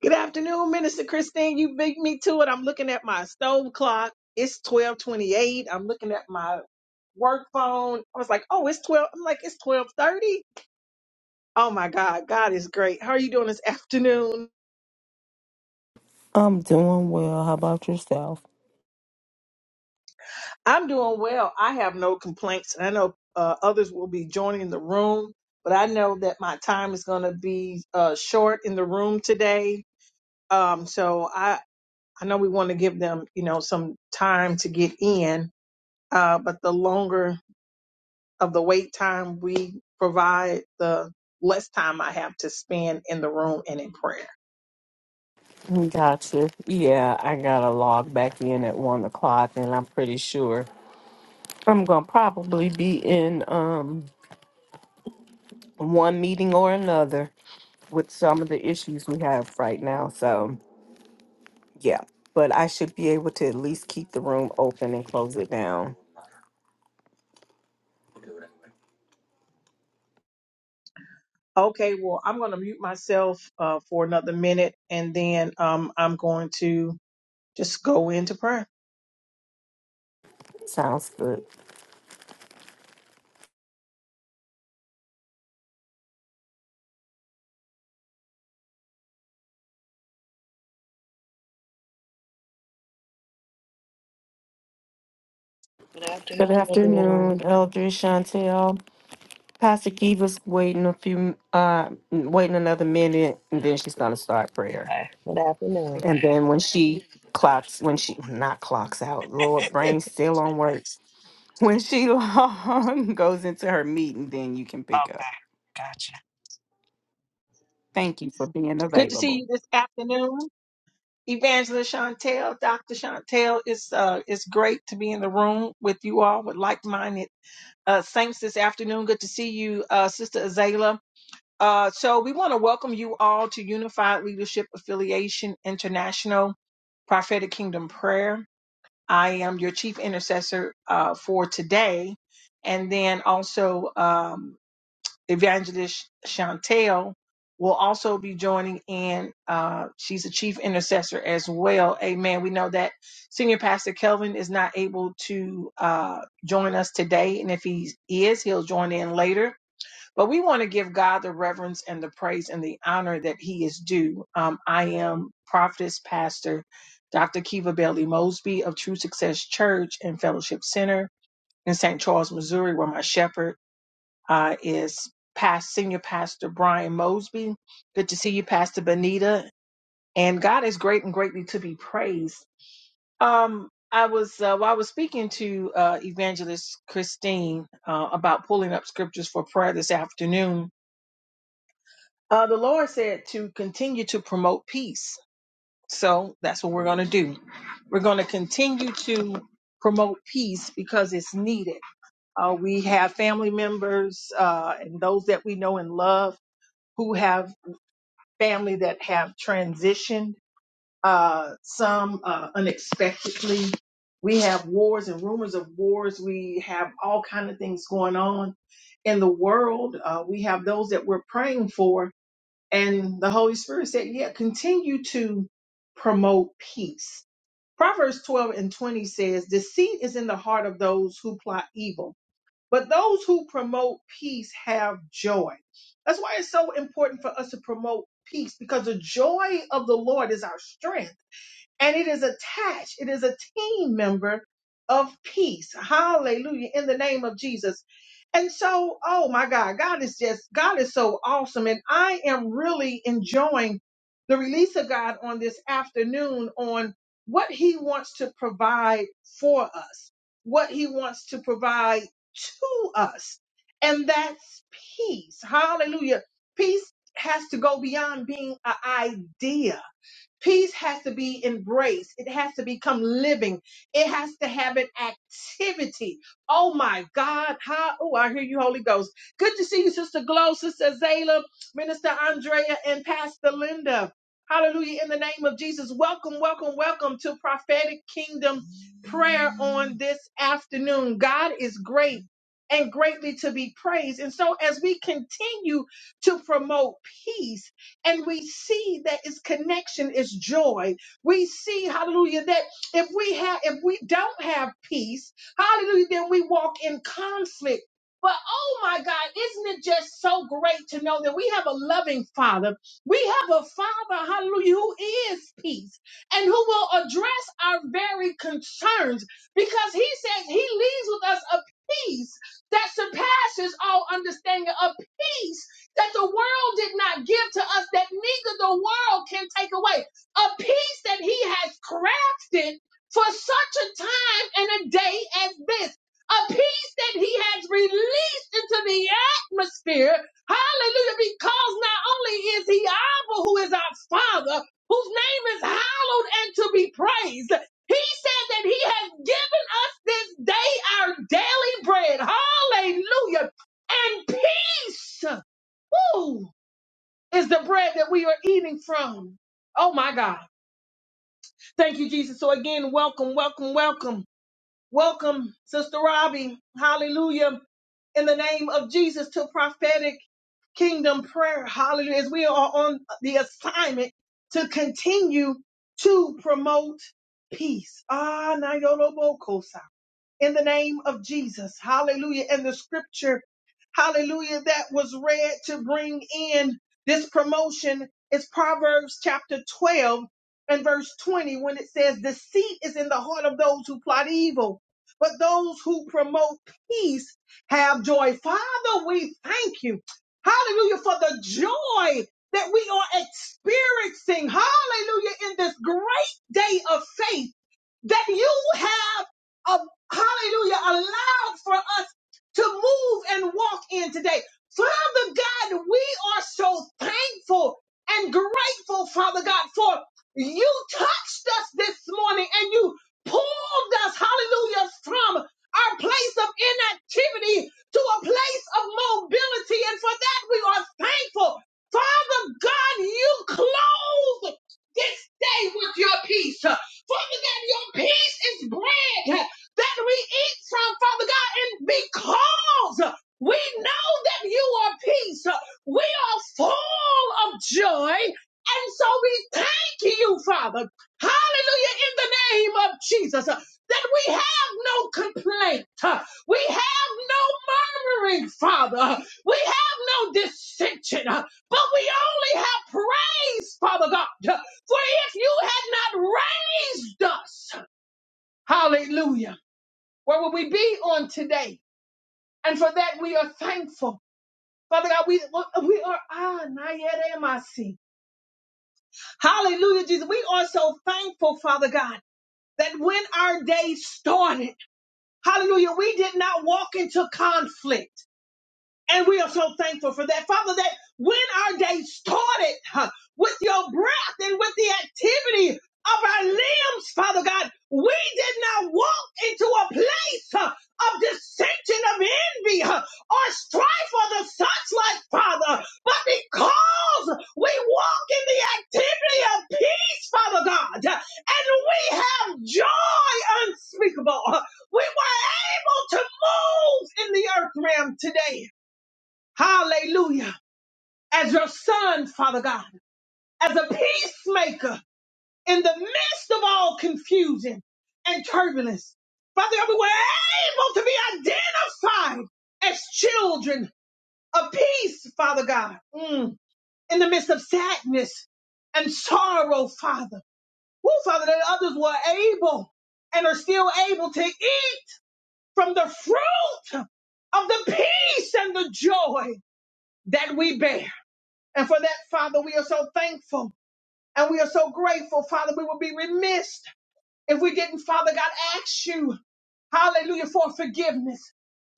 Good afternoon, Minister Christine. You beat me to it. I'm looking at my stove clock. It's 1228. I'm looking at my work phone. I was like, oh, it's 12. I'm like, it's 1230. Oh my God. God is great. How are you doing this afternoon? I'm doing well. How about yourself? I'm doing well. I have no complaints. And I know uh, others will be joining the room, but I know that my time is going to be uh, short in the room today. Um, so I, I know we want to give them, you know, some time to get in. Uh, but the longer of the wait time we provide, the less time I have to spend in the room and in prayer. Gotcha. Yeah, I gotta log back in at one o'clock, and I'm pretty sure I'm gonna probably be in um one meeting or another with some of the issues we have right now. So yeah, but I should be able to at least keep the room open and close it down. Okay, well, I'm going to mute myself uh, for another minute and then um, I'm going to just go into prayer. Sounds good. Good Good afternoon, everyone. afternoon, Eldridge Chantel. Pastor Kiva's waiting a few, uh, waiting another minute, and then she's gonna start prayer. Okay. Good afternoon. And then when she clocks, when she not clocks out, Lord, okay. brain still on work. When she goes into her meeting, then you can pick up. Gotcha. Thank you for being Good to see available. you this afternoon. Evangelist Chantel, Dr. Chantel, it's, uh, it's great to be in the room with you all with like minded uh, saints this afternoon. Good to see you, uh, Sister Azalea. Uh, so we want to welcome you all to Unified Leadership Affiliation International Prophetic Kingdom Prayer. I am your chief intercessor uh, for today, and then also um, Evangelist Chantel will also be joining in. Uh, she's a chief intercessor as well. Amen. We know that Senior Pastor Kelvin is not able to uh, join us today, and if he is, he'll join in later but we want to give God the reverence and the praise and the honor that He is due. Um, I am prophetess, pastor, Dr. Kiva Bailey Mosby of True Success Church and Fellowship Center in St. Charles, Missouri, where my shepherd uh, is past senior pastor Brian Mosby. Good to see you, Pastor Benita. And God is great and greatly to be praised. Um, I was uh, while I was speaking to uh, Evangelist Christine uh, about pulling up scriptures for prayer this afternoon Uh, the Lord said to continue to promote peace. So that's what we're going to do. We're going to continue to promote peace because it's needed. Uh, we have family members uh, and those that we know and love who have family that have transitioned, uh, some uh, unexpectedly. We have wars and rumors of wars. We have all kind of things going on in the world. Uh, we have those that we're praying for and the Holy Spirit said, yeah, continue to promote peace. Proverbs 12 and 20 says, deceit is in the heart of those who plot evil, but those who promote peace have joy. That's why it's so important for us to promote peace because the joy of the Lord is our strength and it is attached. It is a team member of peace. Hallelujah. In the name of Jesus. And so, oh my God, God is just, God is so awesome. And I am really enjoying the release of God on this afternoon on what he wants to provide for us, what he wants to provide to us. And that's peace. Hallelujah. Peace has to go beyond being an idea Peace has to be embraced. It has to become living. It has to have an activity. Oh my God. How oh, I hear you, Holy Ghost. Good to see you, Sister Glow, Sister Zayla, Minister Andrea, and Pastor Linda. Hallelujah. In the name of Jesus. Welcome, welcome, welcome to prophetic kingdom prayer on this afternoon. God is great and greatly to be praised. And so as we continue to promote peace, and we see that its connection is joy. We see, hallelujah, that if we have if we don't have peace, hallelujah, then we walk in conflict. But oh my God, isn't it just so great to know that we have a loving Father? We have a Father, hallelujah, who is peace and who will address our very concerns because He says He leaves with us a peace that surpasses all understanding, a peace that the world did not give to us, that neither the world can take away. A peace that he has crafted for such a time and a day as this. A peace that he has released into the atmosphere. Hallelujah. Because not only is he Abba, who is our Father, whose name is hallowed and to be praised. He said that he has given us this day our daily bread. Hallelujah. And peace. Woo! Is the bread that we are eating from. Oh my God. Thank you, Jesus. So again, welcome, welcome, welcome, welcome, Sister Robbie. Hallelujah. In the name of Jesus to prophetic kingdom prayer. Hallelujah. As we are on the assignment to continue to promote peace. Ah, na in the name of Jesus. Hallelujah. And the scripture, hallelujah, that was read to bring in this promotion is Proverbs chapter 12 and verse 20 when it says, Deceit is in the heart of those who plot evil, but those who promote peace have joy. Father, we thank you. Hallelujah for the joy that we are experiencing. Hallelujah in this great day of faith that you have, a, hallelujah, allowed for us to move and walk in today. Father God, we are so thankful and grateful, Father God, for you touched us this morning and you pulled us, hallelujah, from our place of inactivity to a place of mobility. And for that, we are thankful. Father God, you clothed this day with your peace. Father God, your peace is bread that we eat from, Father God, and because we know that you are peace, we are full of joy. And so we thank you, Father. Hallelujah, in the name of Jesus, that we have no complaint. We have no murmuring, Father. We have no dissension, but we only have praise, Father God. For if you had not raised Jesus. Hallelujah. Where will we be on today? And for that we are thankful. Father God, we, we are, ah, Nayeremasi. Hallelujah, Jesus. We are so thankful, Father God, that when our day started, hallelujah, we did not walk into conflict. And we are so thankful for that. Father, that when our day started huh, with your breath and with the activity of our limbs, Father God, we did not walk into a place huh, of dissension, of envy, huh, or strife, or the such like, Father, but because we walk in the activity of peace, Father God, and we have joy unspeakable, huh, we were able to move in the earth realm today Hallelujah. As your son, Father God, as a peacemaker in the midst of all confusion and turbulence. Father God, we were able to be identified as children of peace, Father God, Mm. in the midst of sadness and sorrow, Father. Woo, Father, that others were able and are still able to eat from the fruit of the peace and the joy that we bear. And for that, Father, we are so thankful and we are so grateful, Father. We would be remiss if we didn't, Father God, ask you. Hallelujah for forgiveness.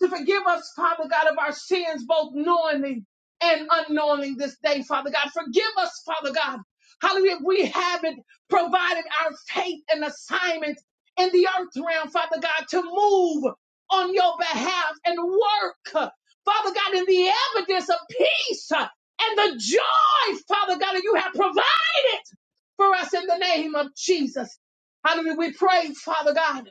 To forgive us, Father God, of our sins, both knowingly and unknowingly this day, Father God. Forgive us, Father God. Hallelujah. We haven't provided our faith and assignment in the earth realm, Father God, to move on your behalf and work, Father God, in the evidence of peace and the joy, Father God, that you have provided for us in the name of Jesus. Hallelujah. We pray, Father God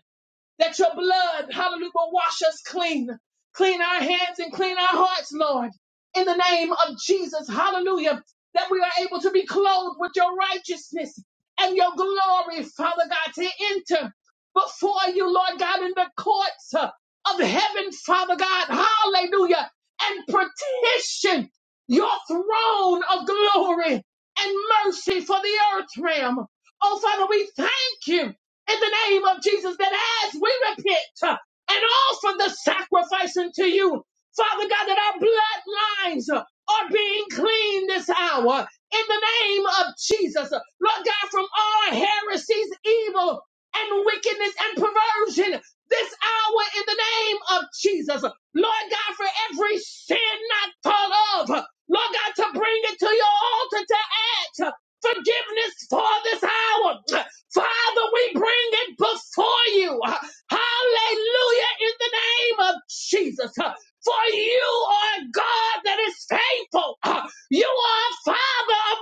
that your blood, hallelujah, will wash us clean. Clean our hands and clean our hearts, Lord, in the name of Jesus, hallelujah, that we are able to be clothed with your righteousness and your glory, Father God, to enter before you, Lord God, in the courts uh, of heaven, Father God, hallelujah, and petition your throne of glory and mercy for the earth realm. Oh, Father, we thank you in the name of Jesus that as we repent uh, and offer the sacrifice unto you, Father God, that our bloodlines uh, are being cleaned this hour in the name of Jesus. Uh, Lord God, from all heresies, evil, and wickedness and perversion this hour in the name of Jesus. Uh, Lord God, for every sin not thought of, uh, Lord God, to bring it to your altar to ask Forgiveness for this hour. Father, we bring it before you. Hallelujah in the name of Jesus. For you are a God that is faithful. You are a Father of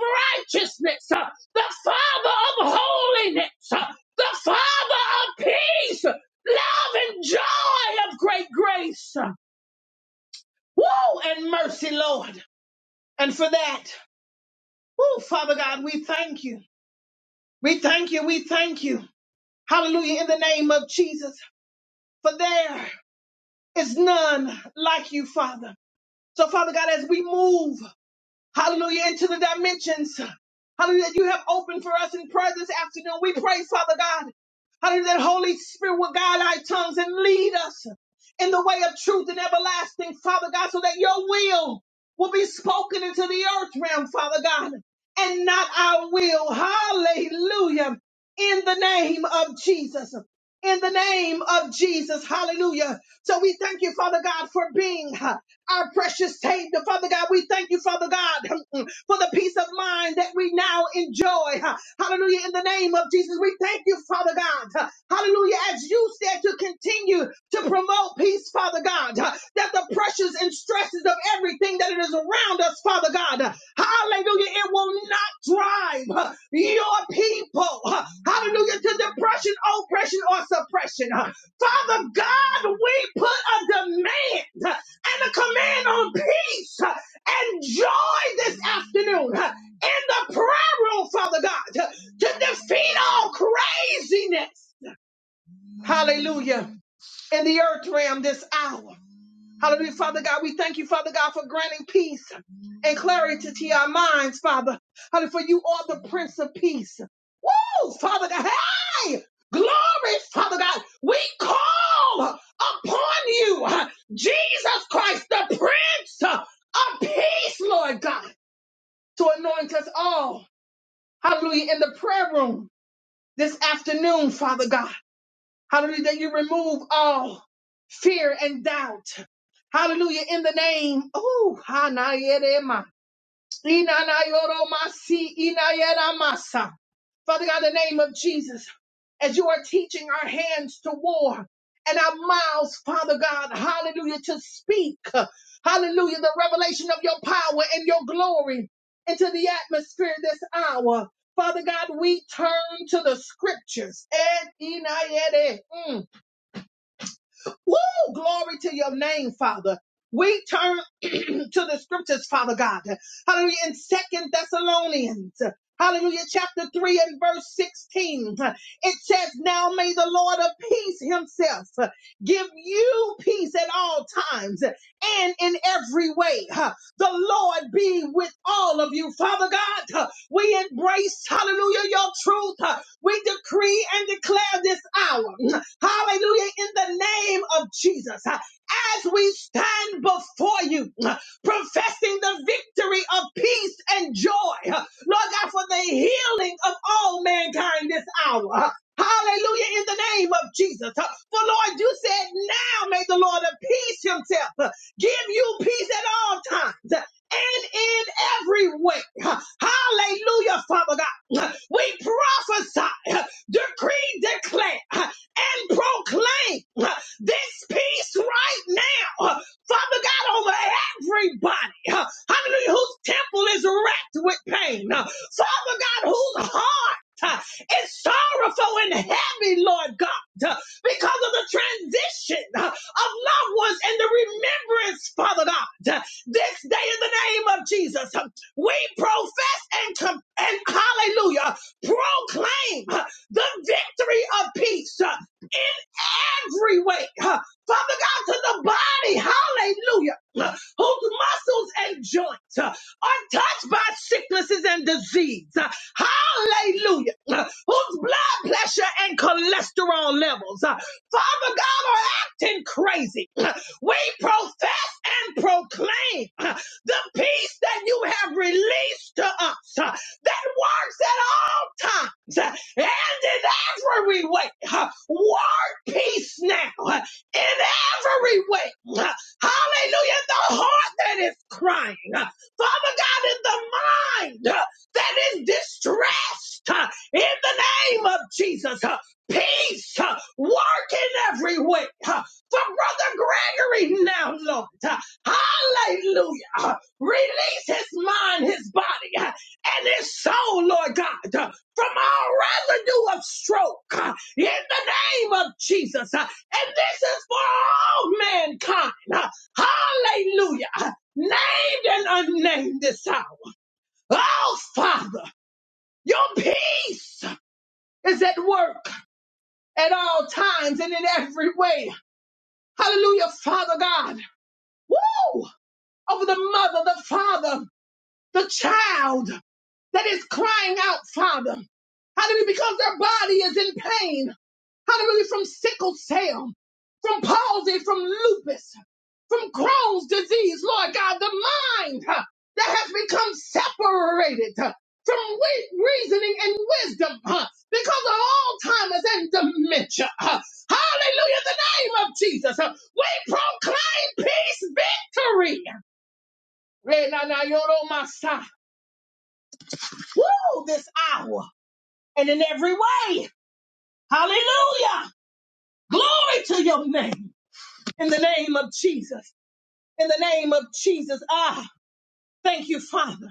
righteousness, the Father of holiness, the Father of peace, love, and joy of great grace. Woo, and mercy, Lord. And for that, woo, Father God, we thank you. We thank you. We thank you. Hallelujah in the name of Jesus. for there is none like you, Father. So, Father God, as we move, hallelujah, into the dimensions, hallelujah, that you have opened for us in prayer this afternoon, we pray, Father God. Hallelujah. That Holy Spirit will guide our tongues and lead us in the way of truth and everlasting, Father God, so that your will will be spoken into the earth realm, Father God, and not our will. Hallelujah. In the name of Jesus. In the name of Jesus. Hallelujah. So we thank you, Father God, for being uh, our precious Savior. Father God, we thank you, Father God for the peace of mind that we now enjoy. Hallelujah. In the name of Jesus, we thank you, Father God. Hallelujah. As you said to continue to promote peace, Father God, that the pressures and stresses of everything that it is around us, Father God, hallelujah, it will not drive your people, hallelujah, to depression, oppression, or suppression. Father God, we put a demand and a command on peace Enjoy this afternoon uh, in the prayer room, Father God, uh, to defeat all craziness. Hallelujah. In the earth realm this hour. Hallelujah, Father God. We thank you, Father God, for granting peace and clarity to our minds, Father. Hallelujah, for you are the Prince of Peace. Woo, Father God. Hey! Glory, Father God. We call upon you, uh, Jesus Christ, the Prince uh, of Peace, Lord God to anoint us all. Hallelujah. In the prayer room this afternoon, Father God. Hallelujah. That you remove all fear and doubt. Hallelujah. In the name. Oh, Hanayerema. Inanayoromasi, Inayeramasa. Father God, in the name of Jesus. as you are teaching our hands to war and our mouths, Father God, hallelujah, to speak, hallelujah, the revelation of your power and your glory into the atmosphere this hour. Father God, we turn to the scriptures. Et inayede. Mm. Woo! Glory to your name, Father. We turn to the scriptures, Father God. Hallelujah. In Second Thessalonians. Hallelujah, chapter 3 and verse 16. It says, Now may the Lord of peace himself give you peace at all times and in every way. The Lord be with all of you. Father God, we embrace, hallelujah, your truth. We decree and declare this hour, hallelujah, in the name of Jesus as we stand before you professing the victory of peace and joy. huh, Lord God, for the healing of all mankind this hour. huh, Hallelujah in the name of Jesus. huh, For Lord, you said now may the Lord of peace himself huh, give you peace at all times huh, and in every way. huh, Hallelujah, Father God. huh, We prophesy, huh, decree, declare, huh, and proclaim huh, this peace right now, huh, Father God, over everybody, uh, hallelujah, whose temple is racked with pain, uh, Father God, whose heart uh, is sorrowful and heavy, Lord God, uh, because of the transition uh, of loved ones and the remembrance, Father God, uh, this day in the name of Jesus, uh, we profess and, com- and hallelujah, proclaim uh, the victory of peace. uh, every way. huh, Father God, to the body, hallelujah, huh, whose muscles and joints huh, are touched by sicknesses and disease. huh, Hallelujah, huh, whose blood pressure and cholesterol levels, huh, Father God, are acting crazy. huh, We profess and proclaim huh, the peace that you have released to us huh, that works at all times huh, and in every way. huh, peace now uh, in every way. Uh, Hallelujah. The heart that is crying. uh, Father God, in the mind uh, that is distressed. uh, In the name of Jesus. uh, Peace. uh, Work in every way. uh, For Brother Gregory now, Lord. Uh, Hallelujah. Uh, Release his mind, his body, uh, and his soul, Lord God, uh, from all residue of stroke. uh, in the name of Jesus. Uh, And this is for all mankind. Uh, Hallelujah. Uh, Named and unnamed this hour. Oh, Father, your peace is at work at all times and in every way. Hallelujah, Father God. Woo! Over the mother, the father, the child that is crying out, Father. Hallelujah, because their body is in pain. Hallelujah, from sickle cell, from palsy, from lupus. from Crohn's disease, Lord God, the mind huh, that has become separated huh, from we- reasoning and wisdom huh, because of Alzheimer's and dementia. huh. Hallelujah, in the name of Jesus. huh. We proclaim peace victory. Renanayoromasa. Woo, this hour and in every way. Hallelujah. Glory to your name. In the name of Jesus. In the name of Jesus. Ah, thank you, Father.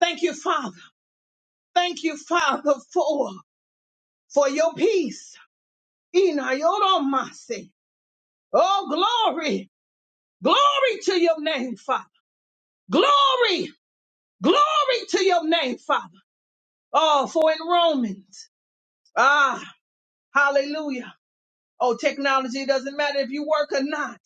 Thank you, Father. Thank you, Father, for, for your peace. Ina Inayoromase. Oh, glory. Glory to your name, Father. Glory. Glory to your name, Father. Oh, for in Romans. Ah, hallelujah. Oh, technology doesn't matter if you work or not.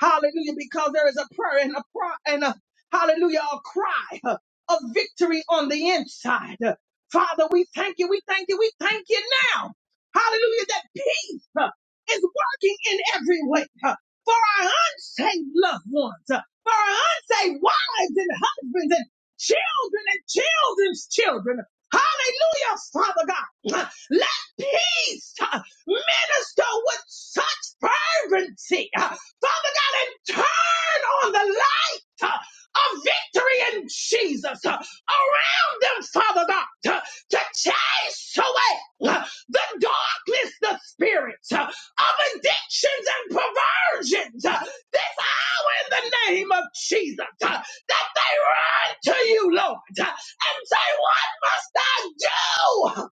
Hallelujah, because there is a prayer and a pro- and a hallelujah, a cry uh, of victory on the inside. Uh, Father, we thank you, we thank you, we thank you now. Hallelujah, that peace uh, is working in every way uh, for our unsaved loved ones, uh, for our unsaved wives and husbands and children and children's children. Hallelujah, Father God. Uh, Let peace. Minister with such fervency. Uh, Father God, and turn on the light uh, of victory in Jesus uh, around them, Father God, to, to chase away uh, the darkness, the spirits uh, of addictions and perversions. uh, This hour in the name of Jesus, uh, that they run to you, Lord, uh, and say, What must I do?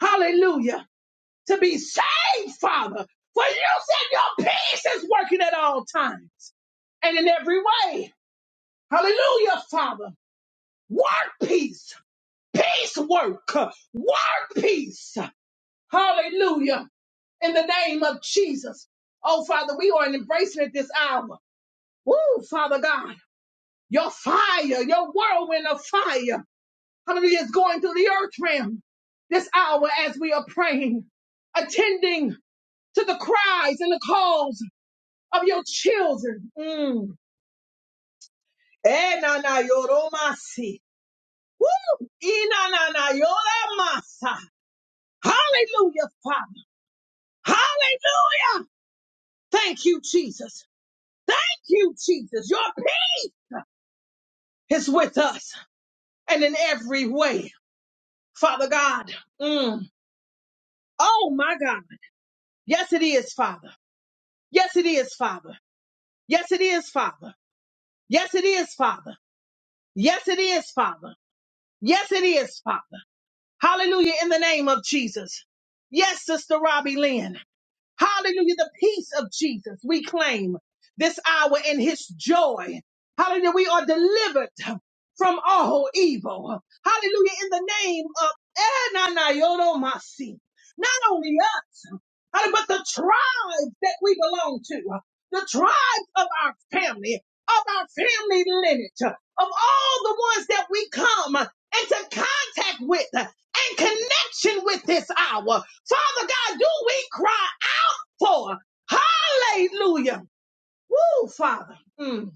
Hallelujah to be saved, Father. For you said your peace is working at all times and in every way. Hallelujah, Father. Work peace. Peace work. Work peace. Hallelujah. In the name of Jesus. Oh, Father, we are embracing it this hour. Woo, Father God. Your fire, your whirlwind of fire. Hallelujah is going through the earth realm this hour as we are praying, attending to the cries and the calls of your children. Mm. Eh, na, na, yoromasi. Woo! Ina, na, na, yoromasa. Hallelujah, Father. Hallelujah. Thank you, Jesus. Thank you, Jesus. Your peace is with us and in every way. Father God. Mm. Oh, my God. Yes, it is, Father. Yes, it is, Father. Yes, it is, Father. Yes, it is, Father. Yes, it is, Father. Yes, it is, Father. Hallelujah in the name of Jesus. Yes, Sister Robbie Lynn. Hallelujah. The peace of Jesus we claim this hour in his joy. Hallelujah. We are delivered from all evil. Hallelujah. In the name of Enanayoromasi. not only us, hallelujah, but the tribes that we belong to, the tribes of our family, of our family lineage, of all the ones that we come into contact with and connection with this hour. Father God, do we cry for. Hallelujah. Woo, Father. Mm.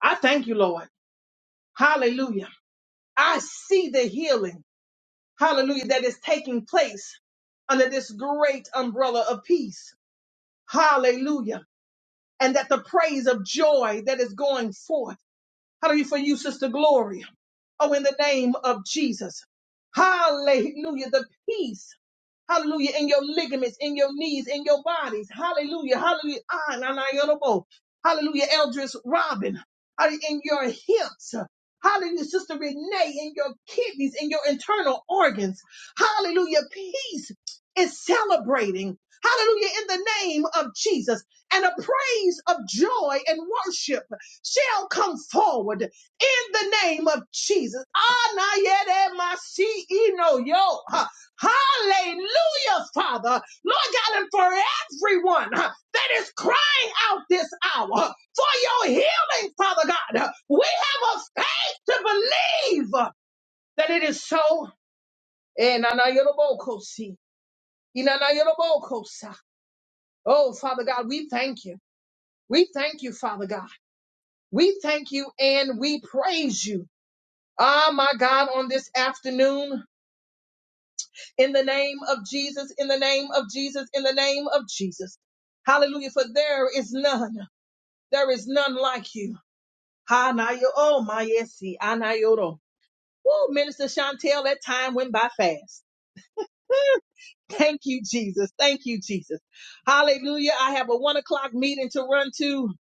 I thank you, Lord. Hallelujah. I see the healing. Hallelujah. That is taking place under this great umbrella of peace. Hallelujah. And that the praise of joy that is going forth. Hallelujah for you, Sister Gloria. Oh, in the name of Jesus. Hallelujah. The peace Hallelujah. In your ligaments, in your knees, in your bodies. Hallelujah. Hallelujah. Ah, na, na, yodobo. Hallelujah. Eldris Robin. Hallelujah. In your hips. Hallelujah, Sister Renee, in your kidneys, in your internal organs. Hallelujah. Peace is celebrating. Hallelujah. In the name of Jesus. And a praise of joy and worship shall come forward in the name of Jesus. Ah, na, yet, eh, my CEO, yo. huh. Hallelujah, Father. Lord God, and for everyone uh, that is crying out this hour uh, for your healing, Father God, uh, we have a faith to believe uh, that it is so. Eh, na, na, yorobokosi. Ina, na, yorobokosa. Oh, Father God, we thank you. We thank you, Father God. We thank you and we praise you. Ah, my God, on this afternoon. in the name of Jesus, in the name of Jesus, in the name of Jesus. Hallelujah. For there is none, there is none like you. Hanayo, oh my yesi, anayoro. Oh, Minister Chantel, that time went by fast. Thank you, Jesus. Thank you, Jesus. Hallelujah. I have a one o'clock meeting to run to.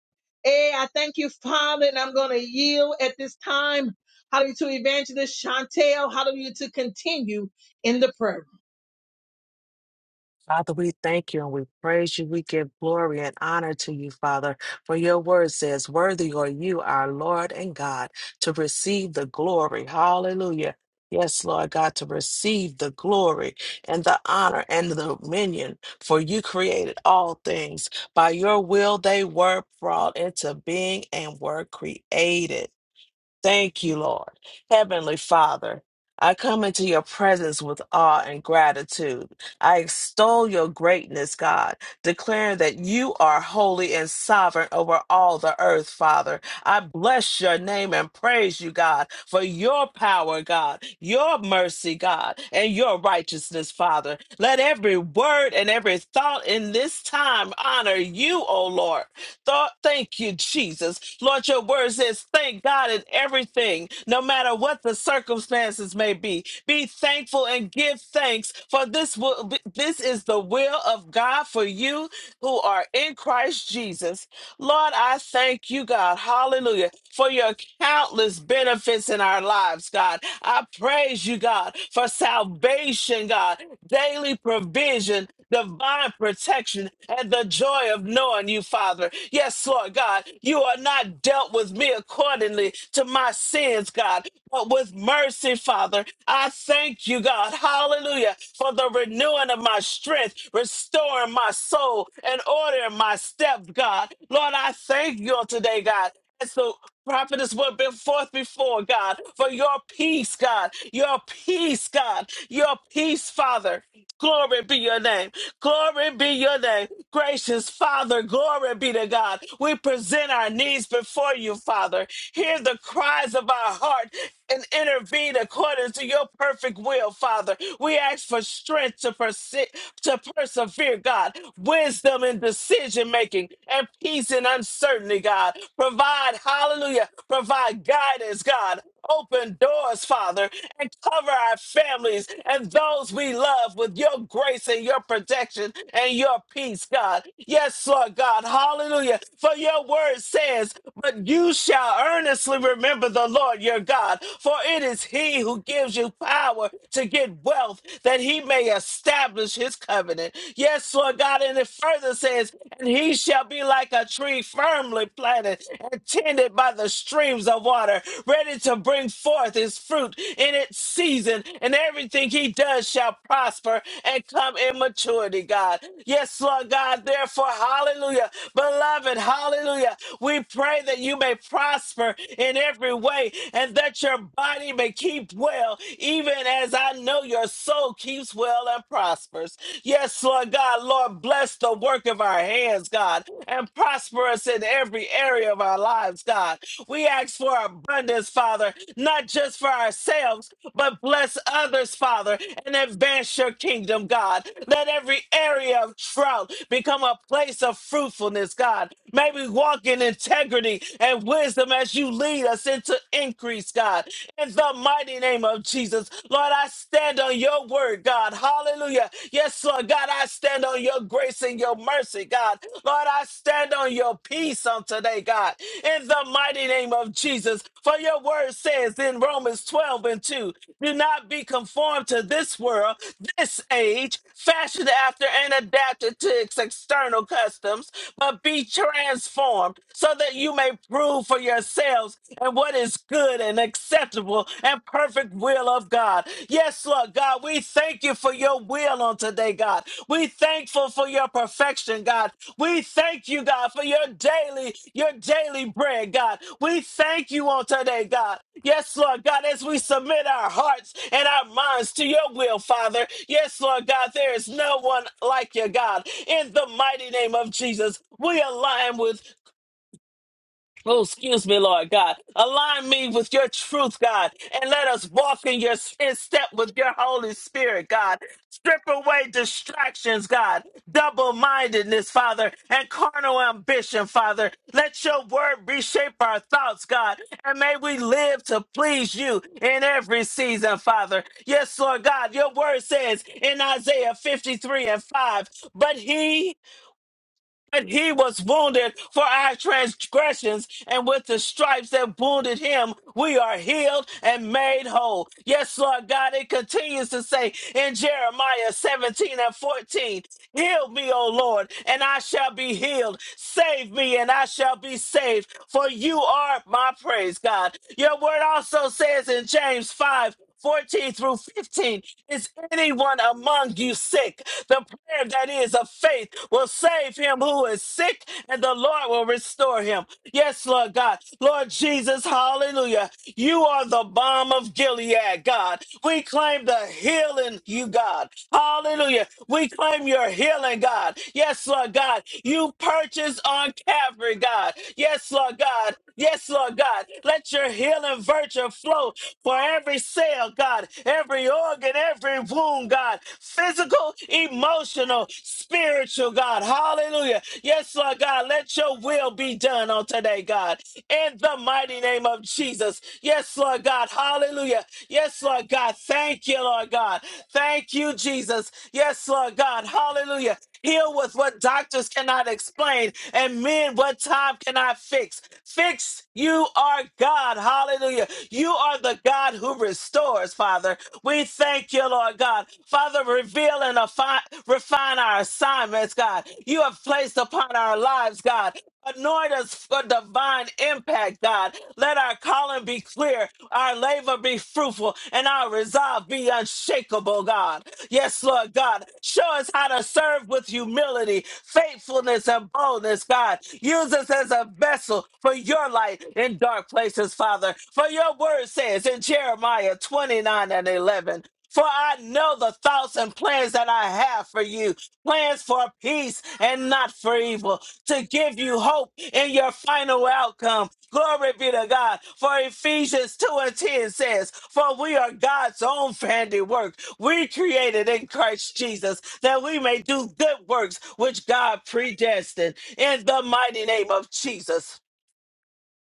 Hey, I thank you, Father, and I'm going to yield at this time. Hallelujah to Evangelist Chantel. Hallelujah to continue in the prayer. Father, we thank you and we praise you. We give glory and honor to you, Father, for your word says, Worthy are you, our Lord and God, to receive the glory. Hallelujah. Yes, Lord God, to receive the glory and the honor and the dominion, for you created all things. By your will, they were brought into being and were created. Thank you, Lord. Heavenly Father, I come into your presence with awe and gratitude. I extol your greatness, God, declaring that you are holy and sovereign over all the earth, Father. I bless your name and praise you, God, for your power, God, your mercy, God, and your righteousness, Father. Let every word and every thought in this time honor you, O Lord. Thought, thank you, Jesus. Lord, your word says, thank God in everything, no matter what the circumstances may be. Be thankful and give thanks, for this will be, this is the will of God for you who are in Christ Jesus. Lord, I thank you, God, hallelujah, for your countless benefits in our lives, God. I praise you, God, for salvation, God daily provision, divine protection, and the joy of knowing you, Father. Yes, Lord God, you are not dealt with me accordingly to my sins, God, but with mercy, Father. I thank you, God, hallelujah, for the renewing of my strength, restoring my soul, and ordering my steps, God. Lord, I thank you on today, God. Prophetess went been forth before, God, for your peace, God, your peace, God, your peace, Father. Glory be your name. Glory be your name. Gracious Father, glory be to God. We present our needs before you, Father. Hear the cries of our heart and intervene according to your perfect will, Father. We ask for strength to, perse- to persevere, God, wisdom in decision making, and peace in uncertainty, God. Provide, hallelujah, provide guidance, God. Open doors, Father, and Cover our families and those we love with your grace and your protection and your peace, God. Yes, Lord God. Hallelujah. For your word says, But you shall earnestly remember the Lord your God, for it is he who gives you power to get wealth that he may establish his covenant. Yes, Lord God. And it further says, And he shall be like a tree firmly planted and tended by the the streams of water, ready to bring forth his fruit in its season, and everything he does shall prosper and come in maturity, God. Yes, Lord God, therefore, hallelujah. Beloved, hallelujah. We pray that you may prosper in every way and that your body may keep well, even as I know your soul keeps well and prospers. Yes, Lord God, Lord, bless the work of our our hands, God, and prosper us in every area of our lives, God. We ask for abundance, Father, not just for ourselves, but bless others, Father, and advance your kingdom, God. Let every area of drought become a place of fruitfulness, God. May we walk in integrity and wisdom as you lead us into increase, God. In the mighty name of Jesus, Lord, I stand on your word, word, God. Hallelujah. Yes, Lord God, I stand on your grace and your mercy, God. Lord, I stand on your peace on today, God, in the mighty name of Jesus. For your word says in Romans 12 and 2, do not be conformed to this world, this age, fashioned after and adapted to its external customs, but be transformed so that you may prove for yourselves and what is good and and acceptable and perfect will of God. Yes, Lord God, we thank you for your will on today, God. We thankful for your perfection, God. We thank you, God, for your daily, your daily bread, God. We thank you on today, God. Yes, Lord God, as we submit our hearts and our minds to your will, Father. Yes, Lord God, there is no one like you, God. In the mighty name of Jesus, we align with Oh, excuse me, Lord God. Align me with your truth, God, and let us walk in your in step with your Holy Spirit, God. Strip away distractions, God, double mindedness, Father, and carnal ambition, Father. Let your word reshape our thoughts, God, and may we live to please you in every season, Father. Yes, Lord God, your word says in Isaiah 53 and 5, but he but he was wounded for our transgressions, and with the stripes that wounded him, we are healed and made whole. Yes, Lord God, it continues to say in Jeremiah 17 and 14, Heal me, O Lord, and I shall be healed. Save me, and I shall be saved, for you are my praise, God. Your word also says in James 5 14 through 15. Is anyone among you sick? The prayer that is of faith will save him who is sick, and the Lord will restore him. Yes, Lord God. Lord Jesus, hallelujah. You are the balm of Gilead, God. We claim the healing, you God. Hallelujah. We claim your healing, God. Yes, Lord God. You purchased on Calvary, God. Yes, Lord God. Yes, Lord God. Let your healing virtue flow for every cell, God, every organ, every wound, God, physical, emotional, spiritual, God. Hallelujah. Yes, Lord God, let your will be done on today, God, in the mighty name of Jesus. Yes, Lord God. Hallelujah. Yes, Lord God. Thank you, Lord God. Thank you, Jesus. Yes, Lord God. Hallelujah. Heal with what doctors cannot explain and men what time cannot fix. Fix, you are God. Hallelujah. You are the God who restores, Father. We thank you, Lord God. Father, reveal and affi- refine our assignments, God. You have placed upon our lives, God. Anoint us for divine impact, God. Let our calling be clear, our labor be fruitful, and our resolve be unshakable, God. Yes, Lord God. Show us how to serve with humility, faithfulness, and boldness, God. Use us as a vessel for your light in dark places, Father. For your word says in Jeremiah 29 and 11, for I know the thoughts and plans that I have for you, plans for peace and not for evil, to give you hope in your final outcome. Glory be to God. For Ephesians 2 and 10 says, For we are God's own handiwork we created in Christ Jesus that we may do good works which God predestined in the mighty name of Jesus.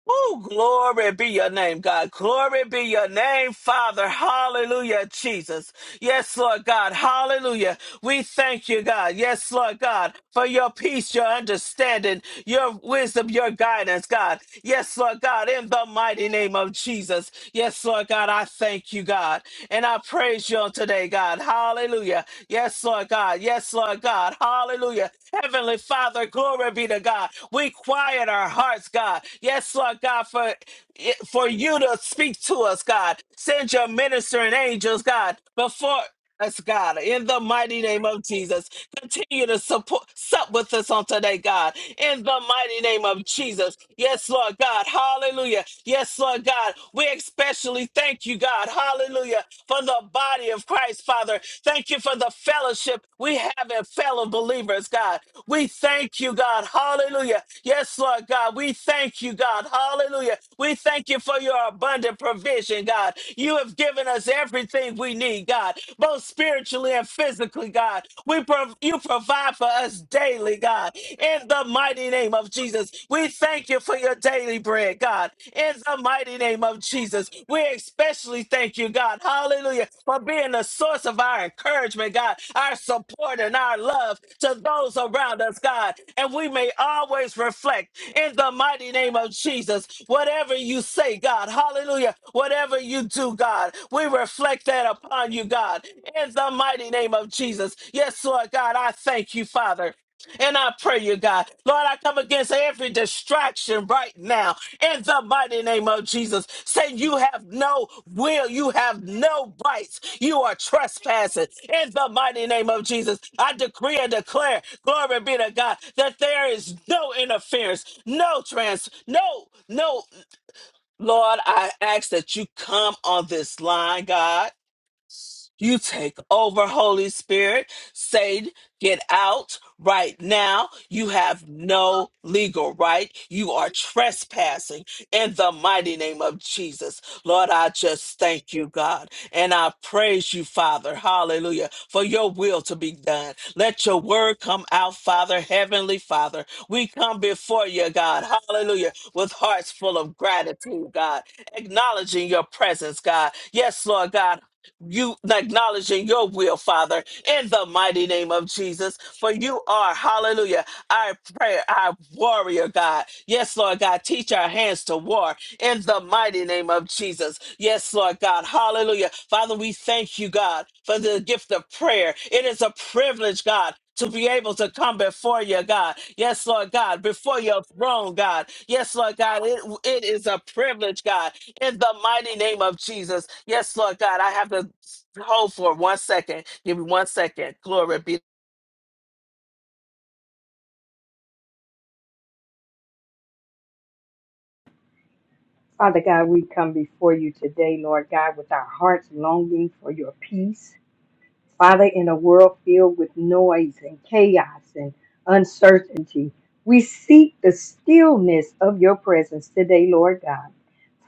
Oh, glory be your name, God. Glory be your name, Father. Hallelujah, Jesus. Yes, Lord God. Hallelujah. We thank you, God. Yes, Lord God, for your peace, your understanding, your wisdom, your guidance, God. Yes, Lord God, in the mighty name of Jesus. Yes, Lord God, I thank you, God. And I praise you on today, God. Hallelujah. Yes, Lord God. Yes, Lord God. Hallelujah. Heavenly Father, glory be to God. We quiet our hearts, God. Yes, Lord God, for for you to speak to us, God. Send your ministering angels, God, before us, God, in the mighty name of Jesus. Continue to support sup with us on today, God. In the mighty name of Jesus. Yes, Lord God. Hallelujah. Yes, Lord God. We especially thank you, God. Hallelujah. For the body of Christ, Father. Thank you for the fellowship we have in fellow believers, God. We thank you, God. Hallelujah. Yes, Lord God. We thank you, God. Hallelujah. We thank you for your abundant provision, God. You have given us everything we need, God, both spiritually and physically, God. We prov- you provide for us daily, God. In the mighty name of Jesus, we thank you for your daily bread, God. In the mighty mighty name of Jesus. We especially thank you, God. Hallelujah. For being the source of our encouragement, God, our support and our love to those around us, God. And we may always reflect in the mighty name of Jesus. Whatever you say, God, hallelujah. Whatever you do, God, we reflect that upon you, God, in the mighty name of Jesus. Yes, Lord God, I thank you, Father. And I pray you, God. Lord, I come against every distraction right now in the mighty name of Jesus. Say, you have no will, you have no rights, you are trespassing in the mighty name of Jesus. I decree and declare, glory be to God, that there is no interference, no trans, no, no. Lord, I ask that you come on this line, God. You take over, Holy Spirit. Satan, get out right now. You have no legal right. You are trespassing in the mighty name of Jesus. Lord, I just thank you, God, and I praise you, Father. Hallelujah. For your will to be done. Let your word come out, Father, Heavenly Father. We come before you, God. Hallelujah. With hearts full of gratitude, God acknowledging your presence, God. Yes, Lord God you acknowledging your will, Father, in the mighty name of Jesus. For you are, hallelujah, our prayer, our warrior, God. Yes, Lord God, teach our hands to war in the mighty name of Jesus. Yes, Lord God, hallelujah. Father, we thank you, God, for the gift of prayer. It is a privilege, God. To be able to come before you, God. Yes, Lord God, before your throne, God. Yes, Lord God, it, it is a privilege, God in the mighty name of Jesus. Yes, Lord God, I have to hold for one second. Give me one second. Glory be Father God, we come before you today, Lord God, with our hearts longing for your peace. Father, in a world filled with noise and chaos and uncertainty, we seek the stillness of your presence today, Lord God.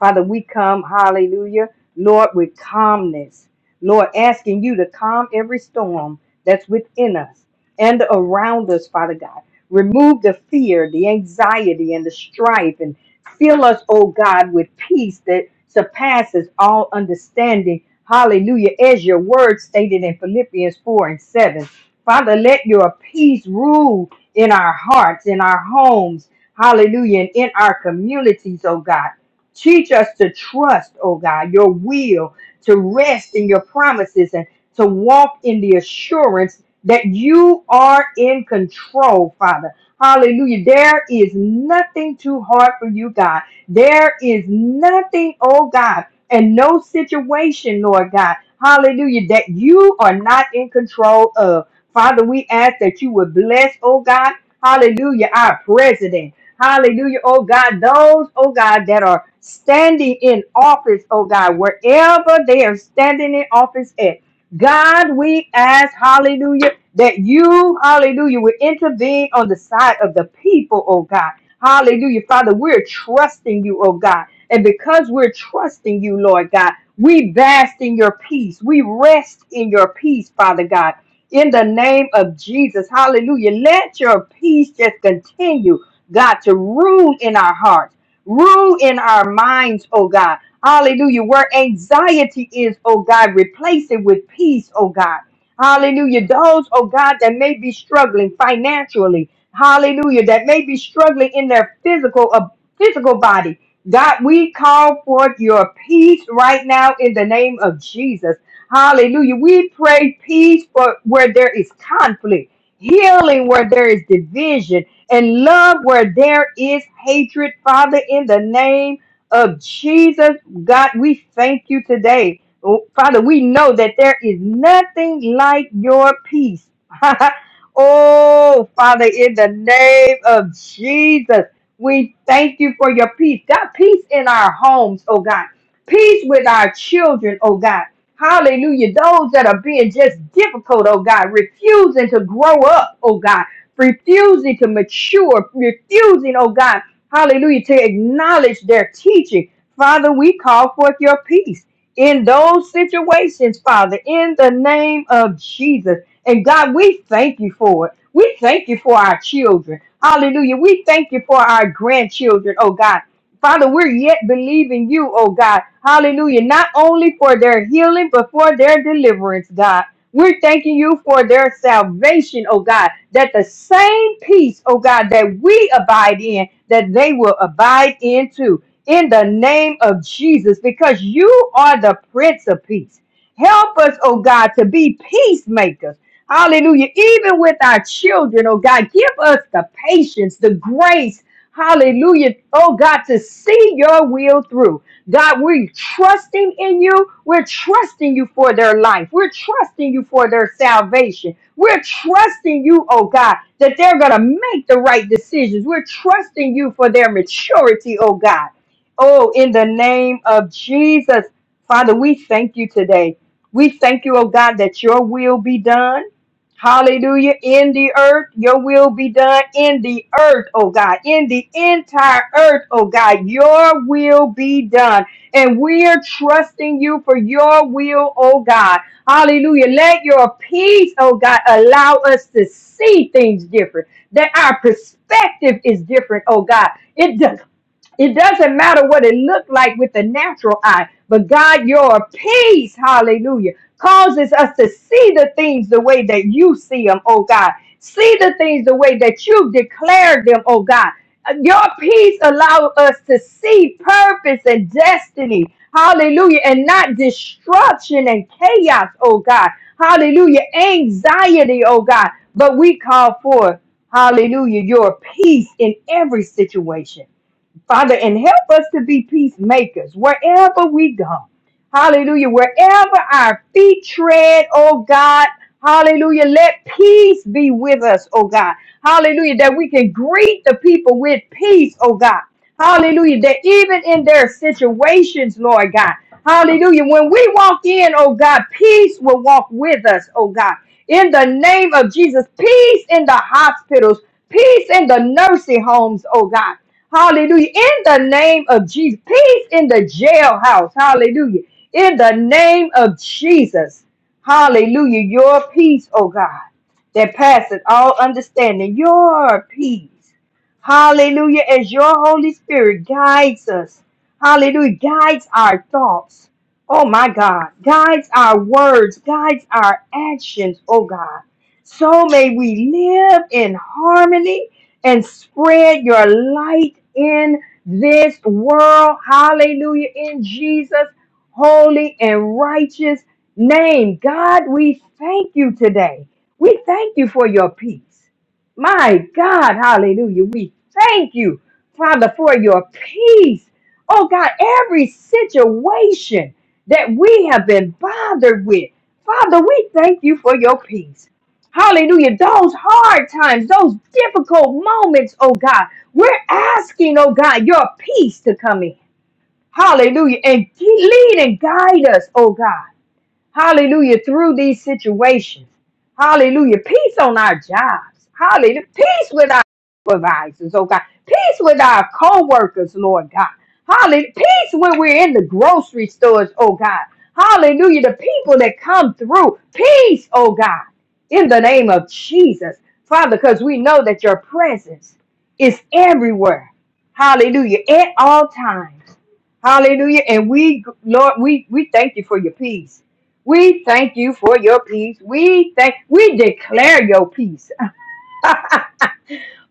Father, we come, hallelujah, Lord, with calmness. Lord, asking you to calm every storm that's within us and around us, Father God. Remove the fear, the anxiety, and the strife, and fill us, oh God, with peace that surpasses all understanding Hallelujah. As your word stated in Philippians 4 and 7. Father, let your peace rule in our hearts, in our homes. Hallelujah. And in our communities, oh God. Teach us to trust, oh God, your will, to rest in your promises and to walk in the assurance that you are in control, Father. Hallelujah. There is nothing too hard for you, God. There is nothing, oh God and no situation, Lord God, hallelujah, that you are not in control of. Father, we ask that you would bless, oh God, hallelujah, our president. Hallelujah, oh God, those, oh God, that are standing in office, oh God, wherever they are standing in office at. God, we ask, hallelujah, that you, hallelujah, will intervene on the side of the people, oh God. Hallelujah. Father, we're trusting you, oh God. And because we're trusting you, Lord God, we bask in your peace. We rest in your peace, Father God. In the name of Jesus, hallelujah. Let your peace just continue, God, to rule in our hearts, rule in our minds, oh God. Hallelujah. Where anxiety is, oh God, replace it with peace, oh God. Hallelujah. Those, oh God, that may be struggling financially, hallelujah, that may be struggling in their physical, uh, physical body. God, we call forth your peace right now in the name of Jesus. Hallelujah. We pray peace for where there is conflict, healing where there is division, and love where there is hatred. Father, in the name of Jesus, God, we thank you today. Oh, Father, we know that there is nothing like your peace. oh, Father, in the name of Jesus. We thank you for your peace. God, peace in our homes, oh God. Peace with our children, oh God. Hallelujah. Those that are being just difficult, oh God, refusing to grow up, oh God, refusing to mature, refusing, oh God, hallelujah, to acknowledge their teaching. Father, we call forth your peace in those situations, Father, in the name of Jesus. And God, we thank you for it. We thank you for our children. Hallelujah. We thank you for our grandchildren, oh God. Father, we're yet believing you, oh God. Hallelujah. Not only for their healing, but for their deliverance, God. We're thanking you for their salvation, oh God, that the same peace, oh God, that we abide in, that they will abide in too. In the name of Jesus, because you are the Prince of Peace. Help us, oh God, to be peacemakers Hallelujah. Even with our children, oh God, give us the patience, the grace. Hallelujah. Oh God, to see your will through. God, we're trusting in you. We're trusting you for their life. We're trusting you for their salvation. We're trusting you, oh God, that they're going to make the right decisions. We're trusting you for their maturity, oh God. Oh, in the name of Jesus, Father, we thank you today. We thank you, oh God, that your will be done. Hallelujah. In the earth, your will be done in the earth, oh God. In the entire earth, oh God, your will be done. And we are trusting you for your will, oh God. Hallelujah. Let your peace, oh God, allow us to see things different. That our perspective is different, oh God. It does. It doesn't matter what it looked like with the natural eye, but God, your peace, hallelujah, causes us to see the things the way that you see them, oh God. See the things the way that you declared them, oh God. Your peace allows us to see purpose and destiny, hallelujah, and not destruction and chaos, oh God. Hallelujah, anxiety, oh God. But we call for, hallelujah, your peace in every situation. Father, and help us to be peacemakers wherever we go. Hallelujah. Wherever our feet tread, oh God. Hallelujah. Let peace be with us, oh God. Hallelujah. That we can greet the people with peace, oh God. Hallelujah. That even in their situations, Lord God. Hallelujah. When we walk in, oh God, peace will walk with us, oh God. In the name of Jesus, peace in the hospitals, peace in the nursing homes, oh God. Hallelujah. In the name of Jesus. Peace in the jailhouse. Hallelujah. In the name of Jesus. Hallelujah. Your peace, oh God, that passeth all understanding. Your peace. Hallelujah. As your Holy Spirit guides us. Hallelujah. Guides our thoughts. Oh my God. Guides our words. Guides our actions, oh God. So may we live in harmony and spread your light in this world. Hallelujah. In Jesus' holy and righteous name. God, we thank you today. We thank you for your peace. My God, hallelujah. We thank you, Father, for your peace. Oh God, every situation that we have been bothered with, Father, we thank you for your peace. Hallelujah. Those hard times, those difficult moments, oh God, we're asking, oh God, your peace to come in. Hallelujah. And lead and guide us, oh God. Hallelujah. Through these situations. Hallelujah. Peace on our jobs. Hallelujah. Peace with our supervisors, oh God. Peace with our co-workers, Lord God. Hallelujah. Peace when we're in the grocery stores, oh God. Hallelujah. The people that come through. Peace, oh God. In the name of Jesus. Father, because we know that your presence is everywhere. Hallelujah. At all times. Hallelujah. And we, Lord, we, we thank you for your peace. We thank you for your peace. We thank we declare your peace.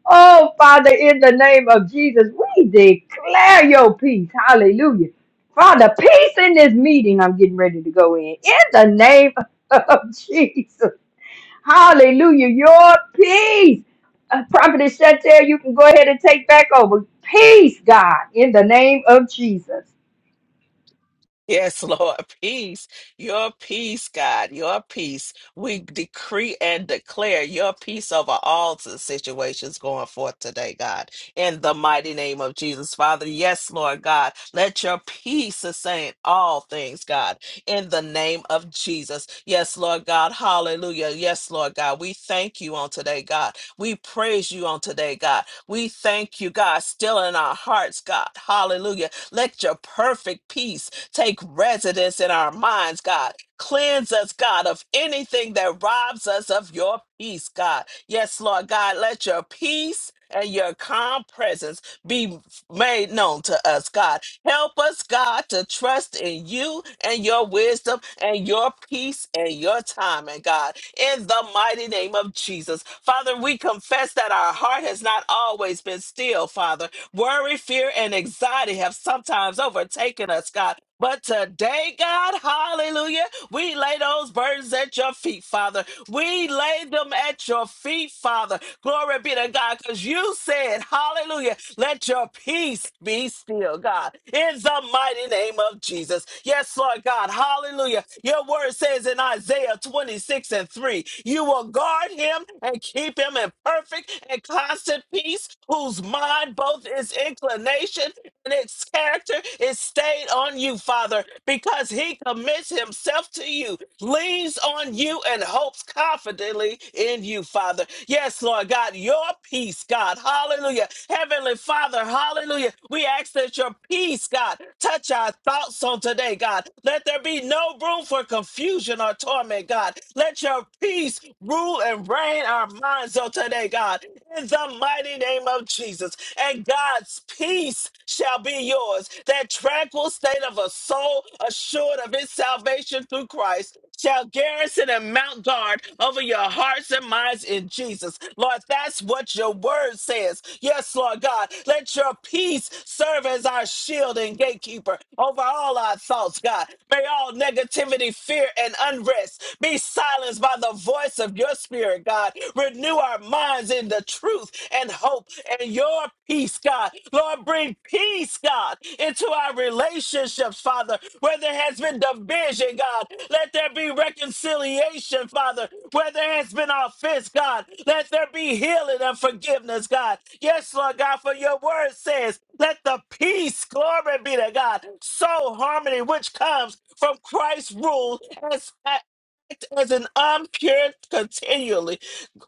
Oh Father, in the name of Jesus, we declare your peace. Hallelujah. Father, peace in this meeting I'm getting ready to go in. In the name of Jesus. Hallelujah. Your peace. Uh, Prophetess Chantel, you can go ahead and take back over. Peace, God, in the name of Jesus. Yes, Lord, peace, your peace, God, your peace. We decree and declare your peace over all the situations going forth today, God, in the mighty name of Jesus. Father, yes, Lord God, let your peace sustain all things, God, in the name of Jesus. Yes, Lord God, hallelujah. Yes, Lord God, we thank you on today, God. We praise you on today, God. We thank you, God, still in our hearts, God, hallelujah. Let your perfect peace take residence in our minds, God. Cleanse us, God, of anything that robs us of your peace, God. Yes, Lord God, let your peace and your calm presence be made known to us, God. Help us, God, to trust in you and your wisdom and your peace and your time, and God, in the mighty name of Jesus. Father, we confess that our heart has not always been still, Father. Worry, fear, and anxiety have sometimes overtaken us, God. But today, God, hallelujah, we lay those burdens at your feet, Father. We lay them at your feet, Father. Glory be to God, because you said, hallelujah, let your peace be still, God, in the mighty name of Jesus. Yes, Lord God. Hallelujah. Your word says in Isaiah 26 and 3, you will guard him and keep him in perfect and constant peace, whose mind both is inclination and its character is stayed on you, Father, because he commits himself to you, leans on you, and hopes confidently in you, Father. Yes, Lord God, your peace, God, hallelujah Heavenly Father, hallelujah. We ask that your peace, God, touch our thoughts on today, God. Let there be no room for confusion or torment, God. Let your peace rule and reign our minds on today, God. In the mighty name of Jesus. And God's peace shall be yours. That tranquil state of a soul assured of its salvation through Christ peace shall garrison and mount guard over your hearts and minds in Jesus. Lord, that's what your word says. Yes, Lord God, let your peace serve as our shield and gatekeeper over all our thoughts, God. May all negativity, fear, and unrest be silenced by the voice of your spirit, God. Renew our minds in the truth and hope and your peace peace, God. Lord, bring peace, God, into our relationships, Father. Where there has been division, God, let there be reconciliation, Father. Where there has been offense, God, let there be healing and forgiveness, God. Yes, Lord God, for your word says, let the peace, glory be to God, soul harmony, which comes from Christ's rule as, as an unpure continually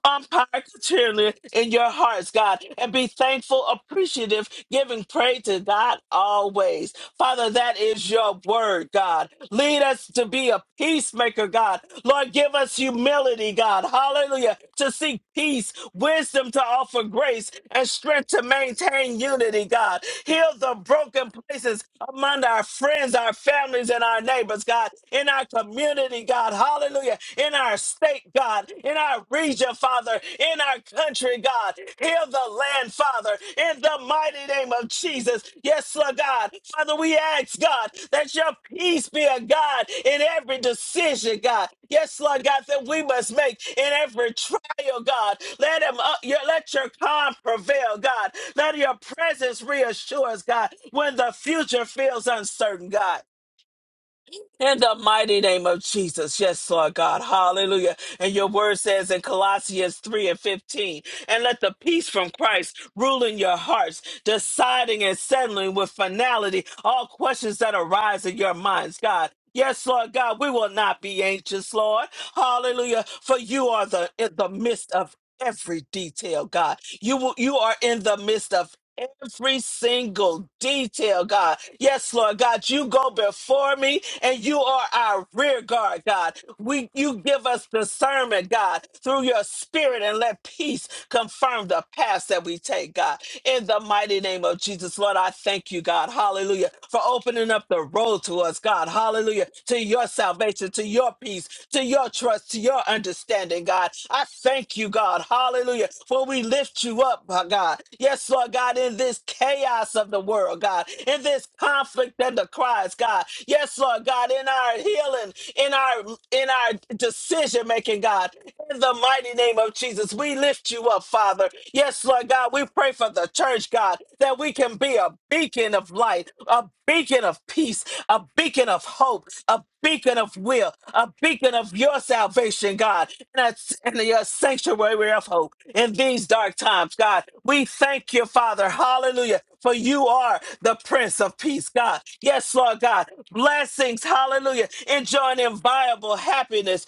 umpire continually in your hearts, God, and be thankful, appreciative, giving praise to God always. Father, that is your word, God. Lead us to be a peacemaker, God. Lord, give us humility, God. Hallelujah. To seek peace, wisdom to offer grace, and strength to maintain unity, God. Heal the broken places among our friends, our families, and our neighbors, God. In our community, God. Hallelujah. In our state, God. In our region, Father. Father, in our country, God. Heal the land, Father, in the mighty name of Jesus. Yes, Lord God. Father, we ask, God, that your peace be a God in every decision, God. Yes, Lord God, that we must make in every trial, God. Let him up, your, let your calm prevail, God. Let your presence reassure us, God, when the future feels uncertain, God. In the mighty name of Jesus. Yes, Lord God. Hallelujah. And your word says in Colossians 3 and 15, and let the peace from Christ rule in your hearts, deciding and settling with finality all questions that arise in your minds, God. Yes, Lord God, we will not be anxious, Lord. Hallelujah. For you are the in the midst of every detail, God. You will, you are in the midst of Every single detail, God. Yes, Lord God, you go before me and you are our rear guard, God. We you give us discernment, God, through your spirit and let peace confirm the paths that we take, God. In the mighty name of Jesus, Lord, I thank you, God. Hallelujah. For opening up the road to us, God. Hallelujah. To your salvation, to your peace, to your trust, to your understanding, God. I thank you, God. Hallelujah. For we lift you up, my God. Yes, Lord God, in this chaos of the world, God, in this conflict and the cries, God. Yes, Lord God, in our healing, in our in our decision making, God. In the mighty name of Jesus, we lift you up, Father. Yes, Lord God, we pray for the church, God, that we can be a beacon of light, a beacon of peace, a beacon of hope, a beacon of will, a beacon of your salvation, God, and, a, and your sanctuary of hope in these dark times, God. We thank you, Father. Hallelujah. For you are the Prince of Peace, God. Yes, Lord God. Blessings, hallelujah. Enjoying inviolable happiness,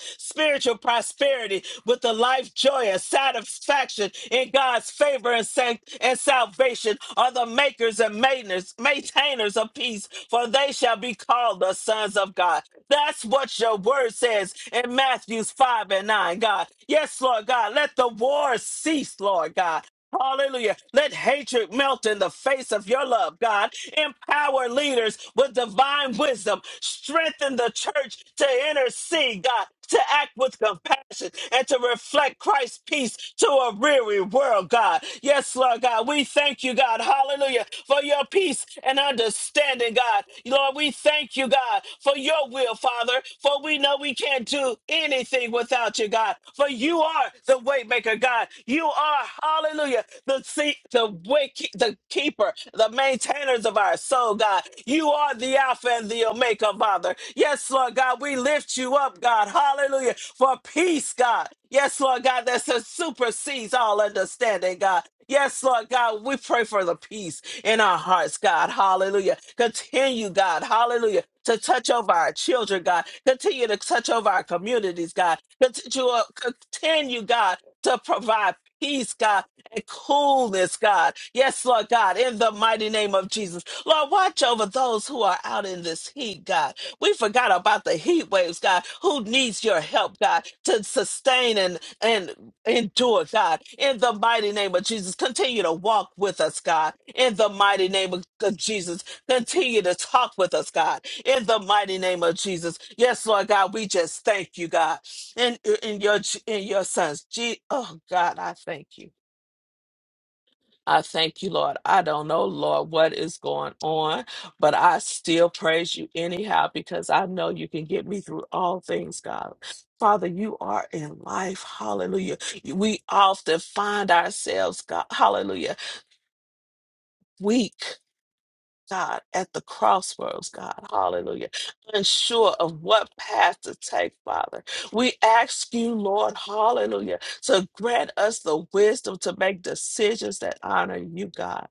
spiritual prosperity with a life joy and satisfaction in God's favor and, sanct- and salvation are the makers and maintainers, maintainers of peace, for they shall be called the sons of God. That's what your word says in Matthews 5 and 9, God. Yes, Lord God, let the war cease, Lord God. Hallelujah. Let hatred melt in the face of your love, God. Empower leaders with divine wisdom. Strengthen the church to intercede, God, to act with compassion and to reflect Christ's peace to a weary world, God. Yes, Lord God, we thank you, God. Hallelujah. For your peace and understanding, God. Lord, we thank you, God, for your wisdom will, Father, for we know we can't do anything without you, God. For you are the waymaker, God. You are, hallelujah, the see, the way, the keeper, the maintainers of our soul, God. You are the Alpha and the Omega, Father. Yes, Lord God, we lift you up, God. Hallelujah, for peace, God. Yes, Lord God, that supersedes all understanding, God. Yes, Lord God, we pray for the peace in our hearts, God. Hallelujah. Continue, God. Hallelujah. To touch over our children, God. Continue to touch over our communities, God. Continue, uh, continue God, to provide peace, God, and coolness, God. Yes, Lord God, in the mighty name of Jesus. Lord, watch over those who are out in this heat, God. We forgot about the heat waves, God. Who needs your help, God, to sustain and and endure, God, in the mighty name of Jesus. Continue to walk with us, God, in the mighty name of of Jesus. Continue to talk with us, God, in the mighty name of Jesus. Yes, Lord God, we just thank you, God, in in your in your sons. Je- oh God, I thank you. I thank you, Lord. I don't know, Lord, what is going on, but I still praise you anyhow because I know you can get me through all things, God. Father, you are in life. Hallelujah. We often find ourselves, God, hallelujah, weak. God, at the crossroads, God, hallelujah, unsure of what path to take, Father. We ask you, Lord, hallelujah, to grant us the wisdom to make decisions that honor you, God.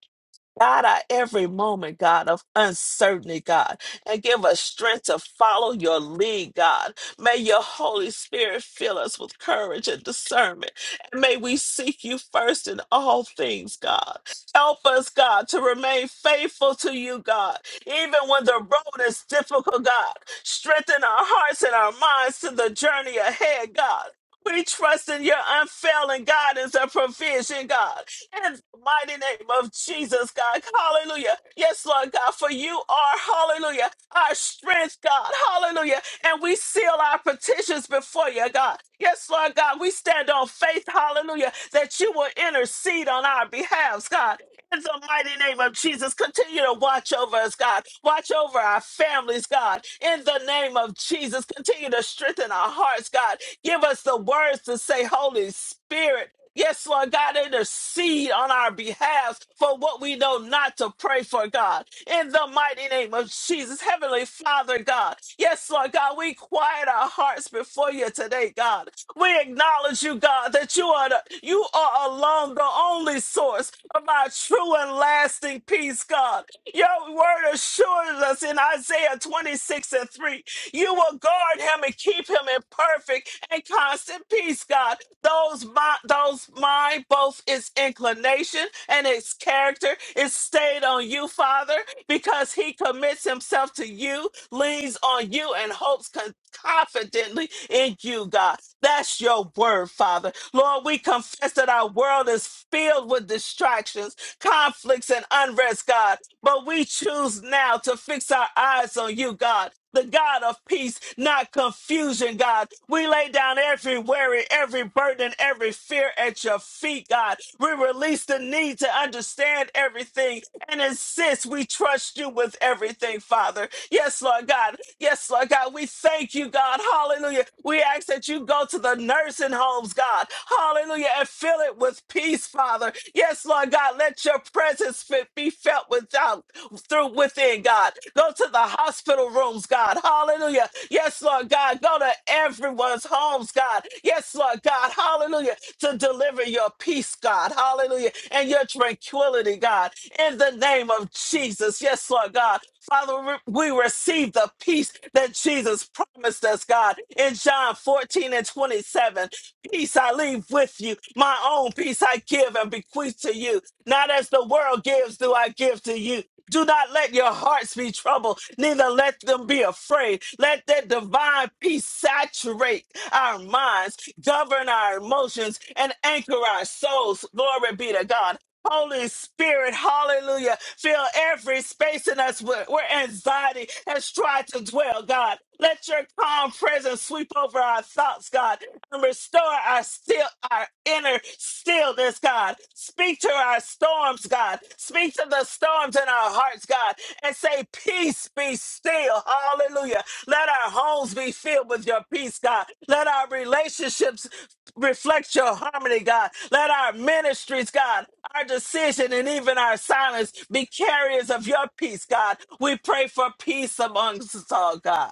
God, our every moment, God, of uncertainty, God, and give us strength to follow your lead, God. May your Holy Spirit fill us with courage and discernment. And may we seek you first in all things, God. Help us, God, to remain faithful to you, God, even when the road is difficult, God. Strengthen our hearts and our minds to the journey ahead, God. We trust in your unfailing guidance and provision, God in the mighty name of Jesus, God. Hallelujah. Yes, Lord God, for you are, hallelujah, our strength, God. Hallelujah. And we seal our petitions before you, God. Yes, Lord God, we stand on faith, hallelujah, that you will intercede on our behalves, God. In the mighty name of Jesus, continue to watch over us, God. Watch over our families, God. In the name of Jesus, continue to strengthen our hearts, God. Give us the words to say, Holy Spirit. Yes, Lord God, intercede on our behalf for what we know not to pray for, God. In the mighty name of Jesus, Heavenly Father, God. Yes, Lord God, we quiet our hearts before you today, God. We acknowledge you, God, that you are the, you are alone the only source of our true and lasting peace, God. Your word assures us in Isaiah 26 and 3 you will guard him and keep him in perfect and constant peace, God. Those my, those mind, both its inclination and its character, is stayed on you, Father, because he commits himself to you, leans on you, and hopes con- confidently in you, God. That's your word, Father. Lord, we confess that our world is filled with distractions conflicts and unrest, God. But we choose now to fix our eyes on you, God, the God of peace, not confusion, God. We lay down every worry, every burden, and every fear at your feet, God. We release the need to understand everything and insist we trust you with everything, Father. Yes, Lord God. Yes, Lord God. We thank you, God. Hallelujah. We ask that you go to the nursing homes, God. Hallelujah. And fill it with peace, Father. Yes, Lord God, let your presence fit- be felt without through within, God. Go to the hospital rooms, God. Hallelujah. Yes, Lord God. Go to everyone's homes, God. Yes, Lord God. Hallelujah. To deliver your peace, God. Hallelujah. And your tranquility, God. In the name of Jesus. Yes, Lord God. Father, we we receive the peace that Jesus promised us, God, in John 14 and 27. Peace I leave with you, my own peace I give and bequeath to you. Not as the world gives, do I give to you. Do not let your hearts be troubled, neither let them be afraid. Let that divine peace saturate our minds, govern our emotions, and anchor our souls. Glory be to God. Holy Spirit, hallelujah. Fill every space in us where, where anxiety has tried to dwell, God. Let your calm presence sweep over our thoughts, God, and restore our still our inner stillness, God. Speak to our storms, God. Speak to the storms in our hearts, God, and say, Peace be still. Hallelujah. Let our homes be filled with your peace, God. Let our relationships reflect your harmony, God. Let our ministries, God, our decision and even our silence be carriers of your peace, God. We pray for peace amongst us all, God.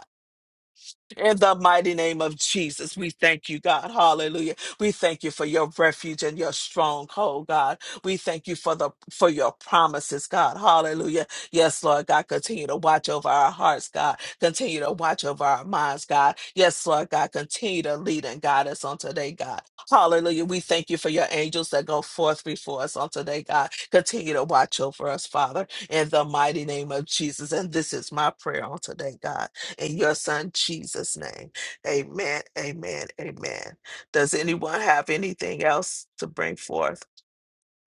In the mighty name of Jesus, we thank you, God. Hallelujah. We thank you for your refuge and your stronghold, God. We thank you for the for your promises, God. Hallelujah. Yes, Lord God, continue to watch over our hearts, God. Continue to watch over our minds, God. Yes, Lord God, continue to lead and guide us on today, God. Hallelujah. We thank you for your angels that go forth before us on today, God. Continue to watch over us, Father, in the mighty name of Jesus. And this is my prayer on today, God in your son Jesus' name. Amen, amen, amen. Does anyone have anything else to bring forth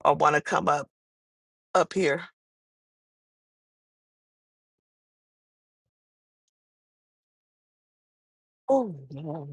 or want to come up up here? Oh, Lord,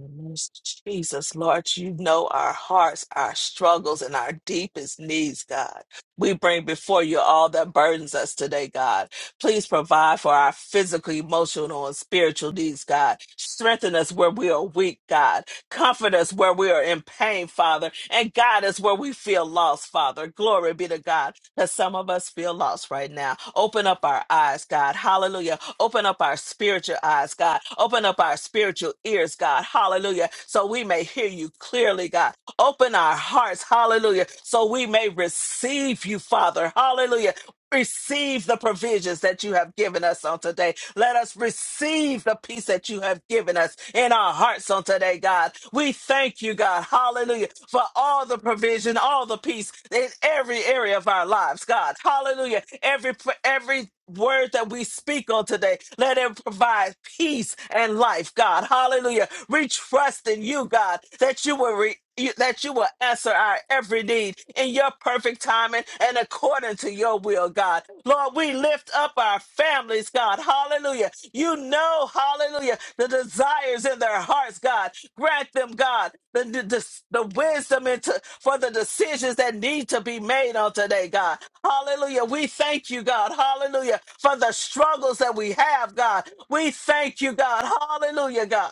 Jesus, Lord, you know our hearts, our struggles, and our deepest needs, God. We bring before you all that burdens us today, God. Please provide for our physical, emotional, and spiritual needs, God. Strengthen us where we are weak, God. Comfort us where we are in pain, Father. And guide us where we feel lost, Father. Glory be to God that some of us feel lost right now. Open up our eyes, God. Hallelujah Open up our spiritual eyes, God. Open up our spiritual ears, God. Hallelujah. So we may hear you clearly, God. Open our hearts, hallelujah, so we may receive you, Father. Hallelujah. Receive the provisions that you have given us on today. Let us receive the peace that you have given us in our hearts on today, God. We thank you, God. Hallelujah. For all the provision, all the peace in every area of our lives, God. Hallelujah. Every every word that we speak on today, let it provide peace and life, God. Hallelujah we trust in you, God, that you will re- you, that you will answer our every need in your perfect timing and according to your will, God. Lord, we lift up our families, God. Hallelujah. You know, hallelujah, the desires in their hearts, God. Grant them, God, the, the, the, the wisdom into, for the decisions that need to be made on today, God. Hallelujah. We thank you, God. Hallelujah. For the struggles that we have, God. We thank you, God. Hallelujah, God.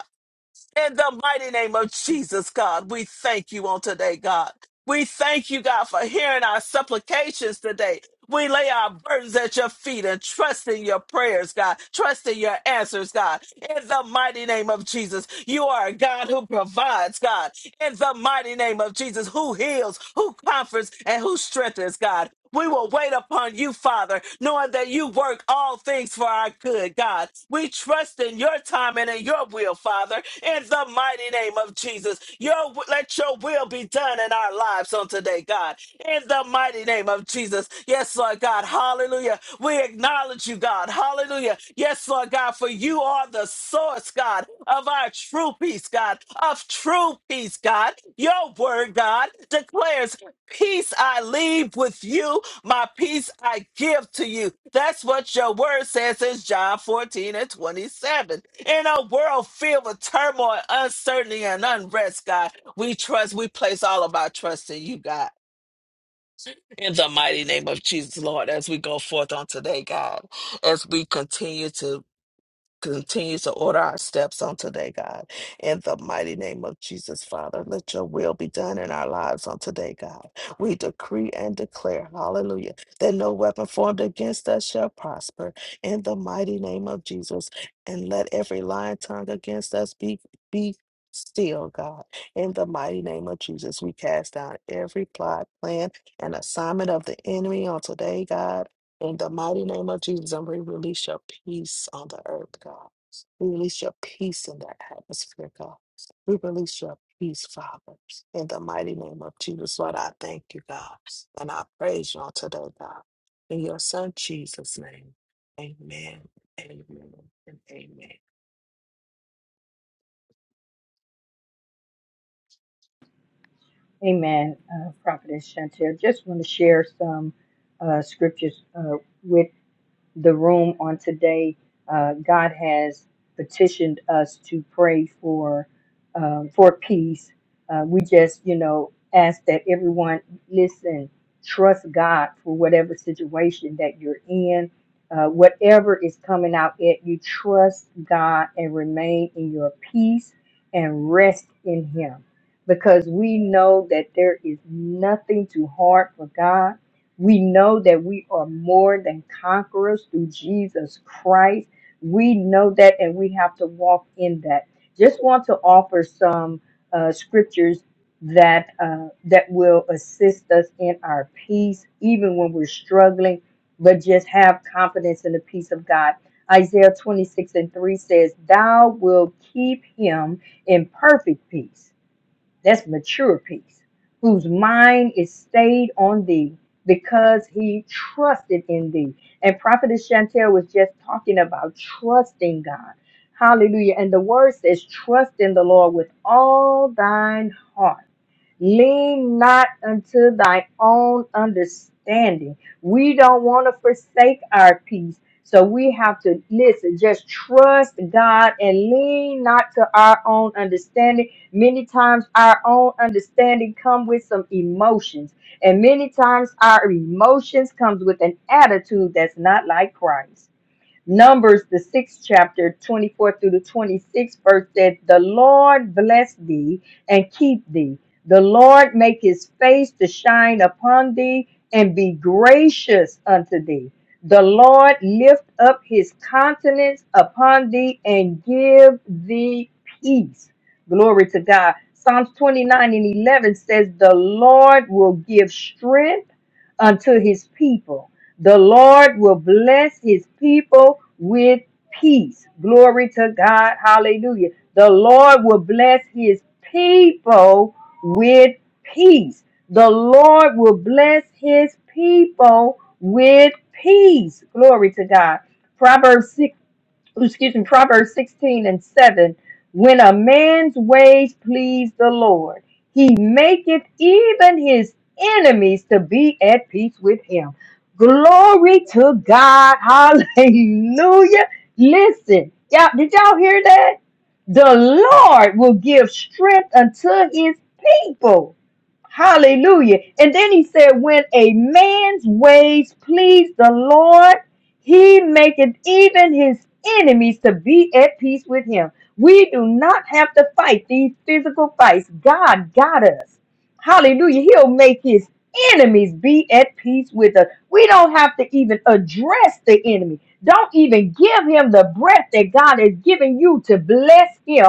In the mighty name of Jesus, God, we thank you on today, God. We thank you, God, for hearing our supplications today. We lay our burdens at your feet and trust in your prayers, God. Trust in your answers, God. In the mighty name of Jesus, you are a God who provides, God in the mighty name of Jesus, who heals, who comforts, and who strengthens, God. We will wait upon you, Father, knowing that you work all things for our good, God. We trust in your time and in your will, Father, in the mighty name of Jesus. Your, let your will be done done in our lives on today, God. In the mighty name of Jesus. Yes, Lord God. Hallelujah. We acknowledge you, God. Hallelujah. Yes, Lord God, for you are the source, God, of our true peace, God, of true peace, God. Your word, God, declares, Peace I leave with you, my peace I give to you. That's what your word says in John 14 and 27. In a world filled with turmoil, uncertainty, and unrest, God. We trust, we place all of our trust in you, God. In the mighty name of Jesus, Lord, as we go forth on today, God, as we continue to continues to order our steps on today, God. In the mighty name of Jesus, Father, let your will be done in our lives on today, God. We decree and declare, hallelujah, that no weapon formed against us shall prosper. In the mighty name of Jesus, and let every lying tongue against us be, be still, God. In the mighty name of Jesus, we cast down every plot, plan, and assignment of the enemy on today, God in the mighty name of Jesus, and we release your peace on the earth, God. We release your peace in the atmosphere, God. We release your peace, Father. In the mighty name of Jesus, Lord, I thank you, God. And I praise you on today, God. In your son Jesus' name. Amen. Amen. And amen. Amen. Uh, Prophetess Chantel, just want to share some uh, scriptures uh, with the room on today. Uh, God has petitioned us to pray for um, for peace. Uh, we just, you know, ask that everyone listen, trust God for whatever situation that you're in, uh, whatever is coming out at you. Trust God and remain in your peace and rest in Him, because we know that there is nothing too hard for God we know that we are more than conquerors through Jesus Christ. We know that and we have to walk in that. Just want to offer some uh, scriptures that uh, that will assist us in our peace, even when we're struggling, but just have confidence in the peace of God. Isaiah 26 and 3 says, Thou will keep him in perfect peace that's mature peace, whose mind is stayed on thee because he trusted in thee. And Prophetess Chantel was just talking about trusting God. Hallelujah. And the word says, trust in the Lord with all thine heart Lean not unto thy own understanding. We don't want to forsake our peace. So we have to listen, just trust God and lean not to our own understanding. Many times our own understanding come with some emotions, and many times our emotions comes with an attitude that's not like Christ. Numbers, the sixth chapter, 24 through the 26th verse said, The Lord bless thee and keep thee. The Lord make his face to shine upon thee and be gracious unto thee. The Lord lift up his countenance upon thee and give thee peace. Glory to God. Psalms 29 and 11 says, The Lord will give strength unto his people the Lord will bless his people with peace. Glory to God. Hallelujah. The Lord will bless his people with peace. The Lord will bless his people with peace. Glory to God. Proverbs excuse me, Proverbs 16 and 7. When a man's ways please the Lord, he maketh even his enemies to be at peace with him. Glory to God. Hallelujah. Listen, y'all, did y'all hear that? The Lord will give strength unto his people. Hallelujah. And then he said, When a man's ways please the Lord, he maketh even his enemies to be at peace with him. We do not have to fight these physical fights. God got us. Hallelujah. He'll make his enemies be at peace with us. We don't have to even address the enemy. Don't even give him the breath that God has given you to bless him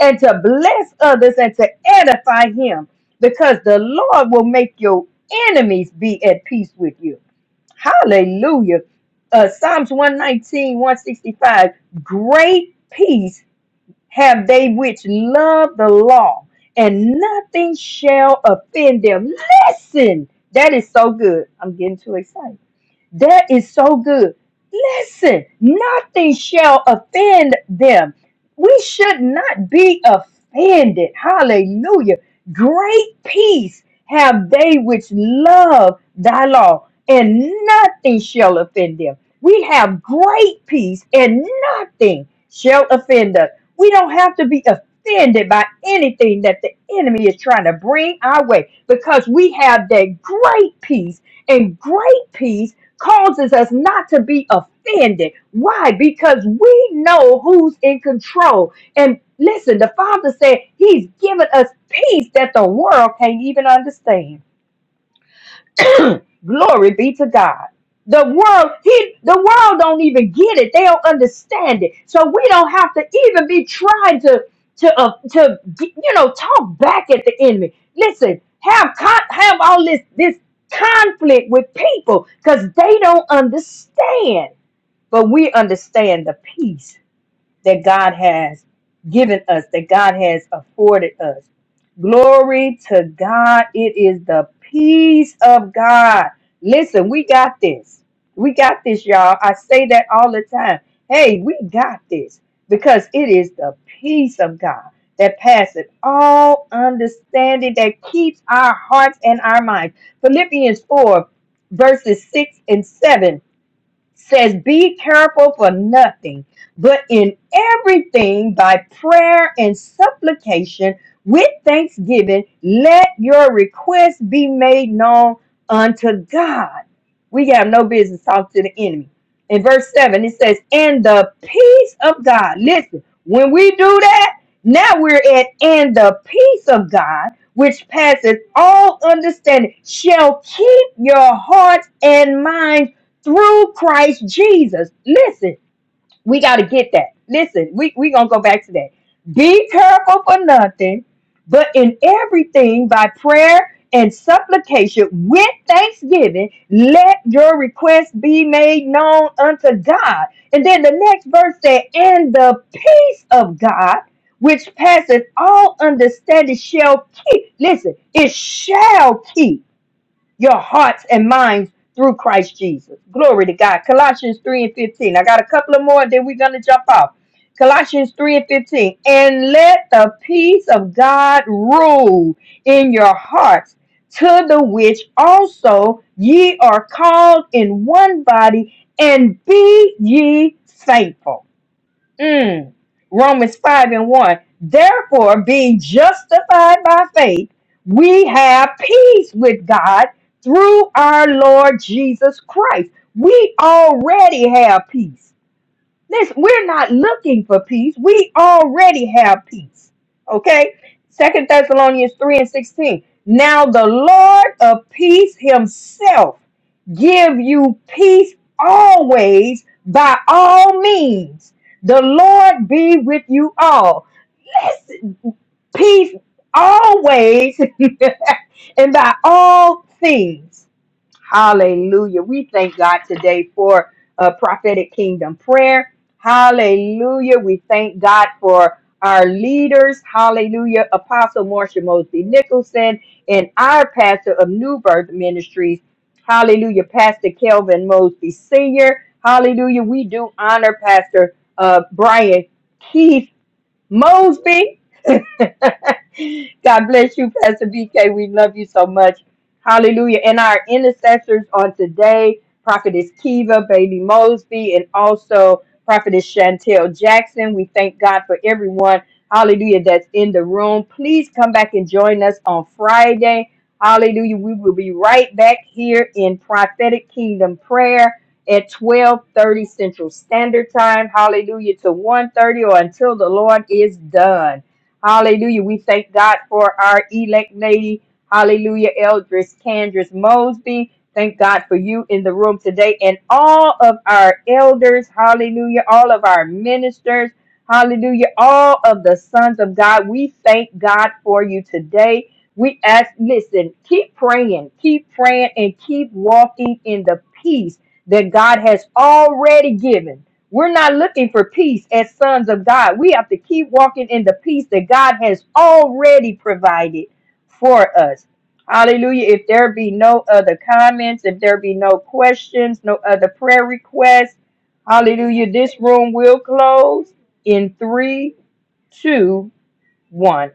and to bless others and to edify him because the Lord will make your enemies be at peace with you. Hallelujah. Uh, Psalms one nineteen one sixty five. Great peace have they which love the law, and nothing shall offend them. Listen, that is so good. I'm getting too excited. That is so good. Listen, nothing shall offend them. We should not be offended. Hallelujah. Great peace have they which love thy law, and nothing shall offend them. We have great peace, and nothing shall offend us. We don't have to be offended by anything that the enemy is trying to bring our way because we have that great peace and great peace causes us not to be offended. Why? Because we know who's in control. And listen, the Father said He's given us peace that the world can't even understand. Glory be to God. The world, he, the world don't even get it. They don't understand it. So we don't have to even be trying to to uh, to you know talk back at the enemy. Listen, have con- have all this this conflict with people because they don't understand, but we understand the peace that God has given us, that God has afforded us. Glory to God. It is the peace of God. Listen, we got this. We got this, y'all. I say that all the time. Hey, we got this because it is the peace of God that passeth all understanding that keeps our hearts and our minds. Philippians 4, verses 6 and 7 says, Be careful for nothing, but in everything by prayer and supplication with thanksgiving, let your requests be made known unto God. We have no business talking to the enemy. In verse 7, it says, And the peace of God. Listen, when we do that, now we're at, and the peace of God, which passes all understanding, shall keep your hearts and minds through Christ Jesus. Listen, we got to get that. Listen, we we going to go back to that. Be careful for nothing, but in everything by prayer and supplication with thanksgiving, let your requests be made known unto God. And then the next verse said, And the peace of God, which passeth all understanding, shall keep. Listen, it shall keep your hearts and minds through Christ Jesus. Glory to God. Colossians 3 and 15. I got a couple of more, then we're going to jump off. Colossians 3 and 15. And let the peace of God rule in your hearts, to the which also ye are called in one body, and be ye thankful. Mm. Romans 5 and 1. Therefore, being justified by faith, we have peace with God through our Lord Jesus Christ. We already have peace. Listen, we're not looking for peace. We already have peace. Okay? Second Thessalonians 3 and 16. Now the Lord of peace himself give you peace always by all means. The Lord be with you all. Listen, peace always and by all things. Hallelujah. We thank God today for uh, prophetic kingdom prayer. Hallelujah. We thank God for our leaders. Hallelujah. Apostle Marsha Mosby Nicholson and our pastor of New Birth Ministries. Hallelujah. Pastor Kelvin Mosby Sr. Hallelujah. We do honor Pastor uh, Brian Keith. Mosby. God bless you, Pastor BK. We love you so much. Hallelujah. And our intercessors on today, Prophetess Kiva, Baby Mosby, and also Prophetess Chantel Jackson. We thank God for everyone. Hallelujah. That's in the room. Please come back and join us on Friday. Hallelujah. We will be right back here in prophetic kingdom prayer at 12:30 Central Standard Time. Hallelujah to one thirty, or until the Lord is done. Hallelujah. We thank God for our elect lady. Hallelujah. Eldris Candris Mosby. Thank God for you in the room today and all of our elders. Hallelujah. All of our ministers. Hallelujah. All of the sons of God. We thank God for you today. We ask, listen, keep praying, keep praying, and keep walking in the peace that God has already given. We're not looking for peace as sons of God. We have to keep walking in the peace that God has already provided for us. Hallelujah. If there be no other comments, if there be no questions, no other prayer requests, hallelujah. This room will close in three, two, one.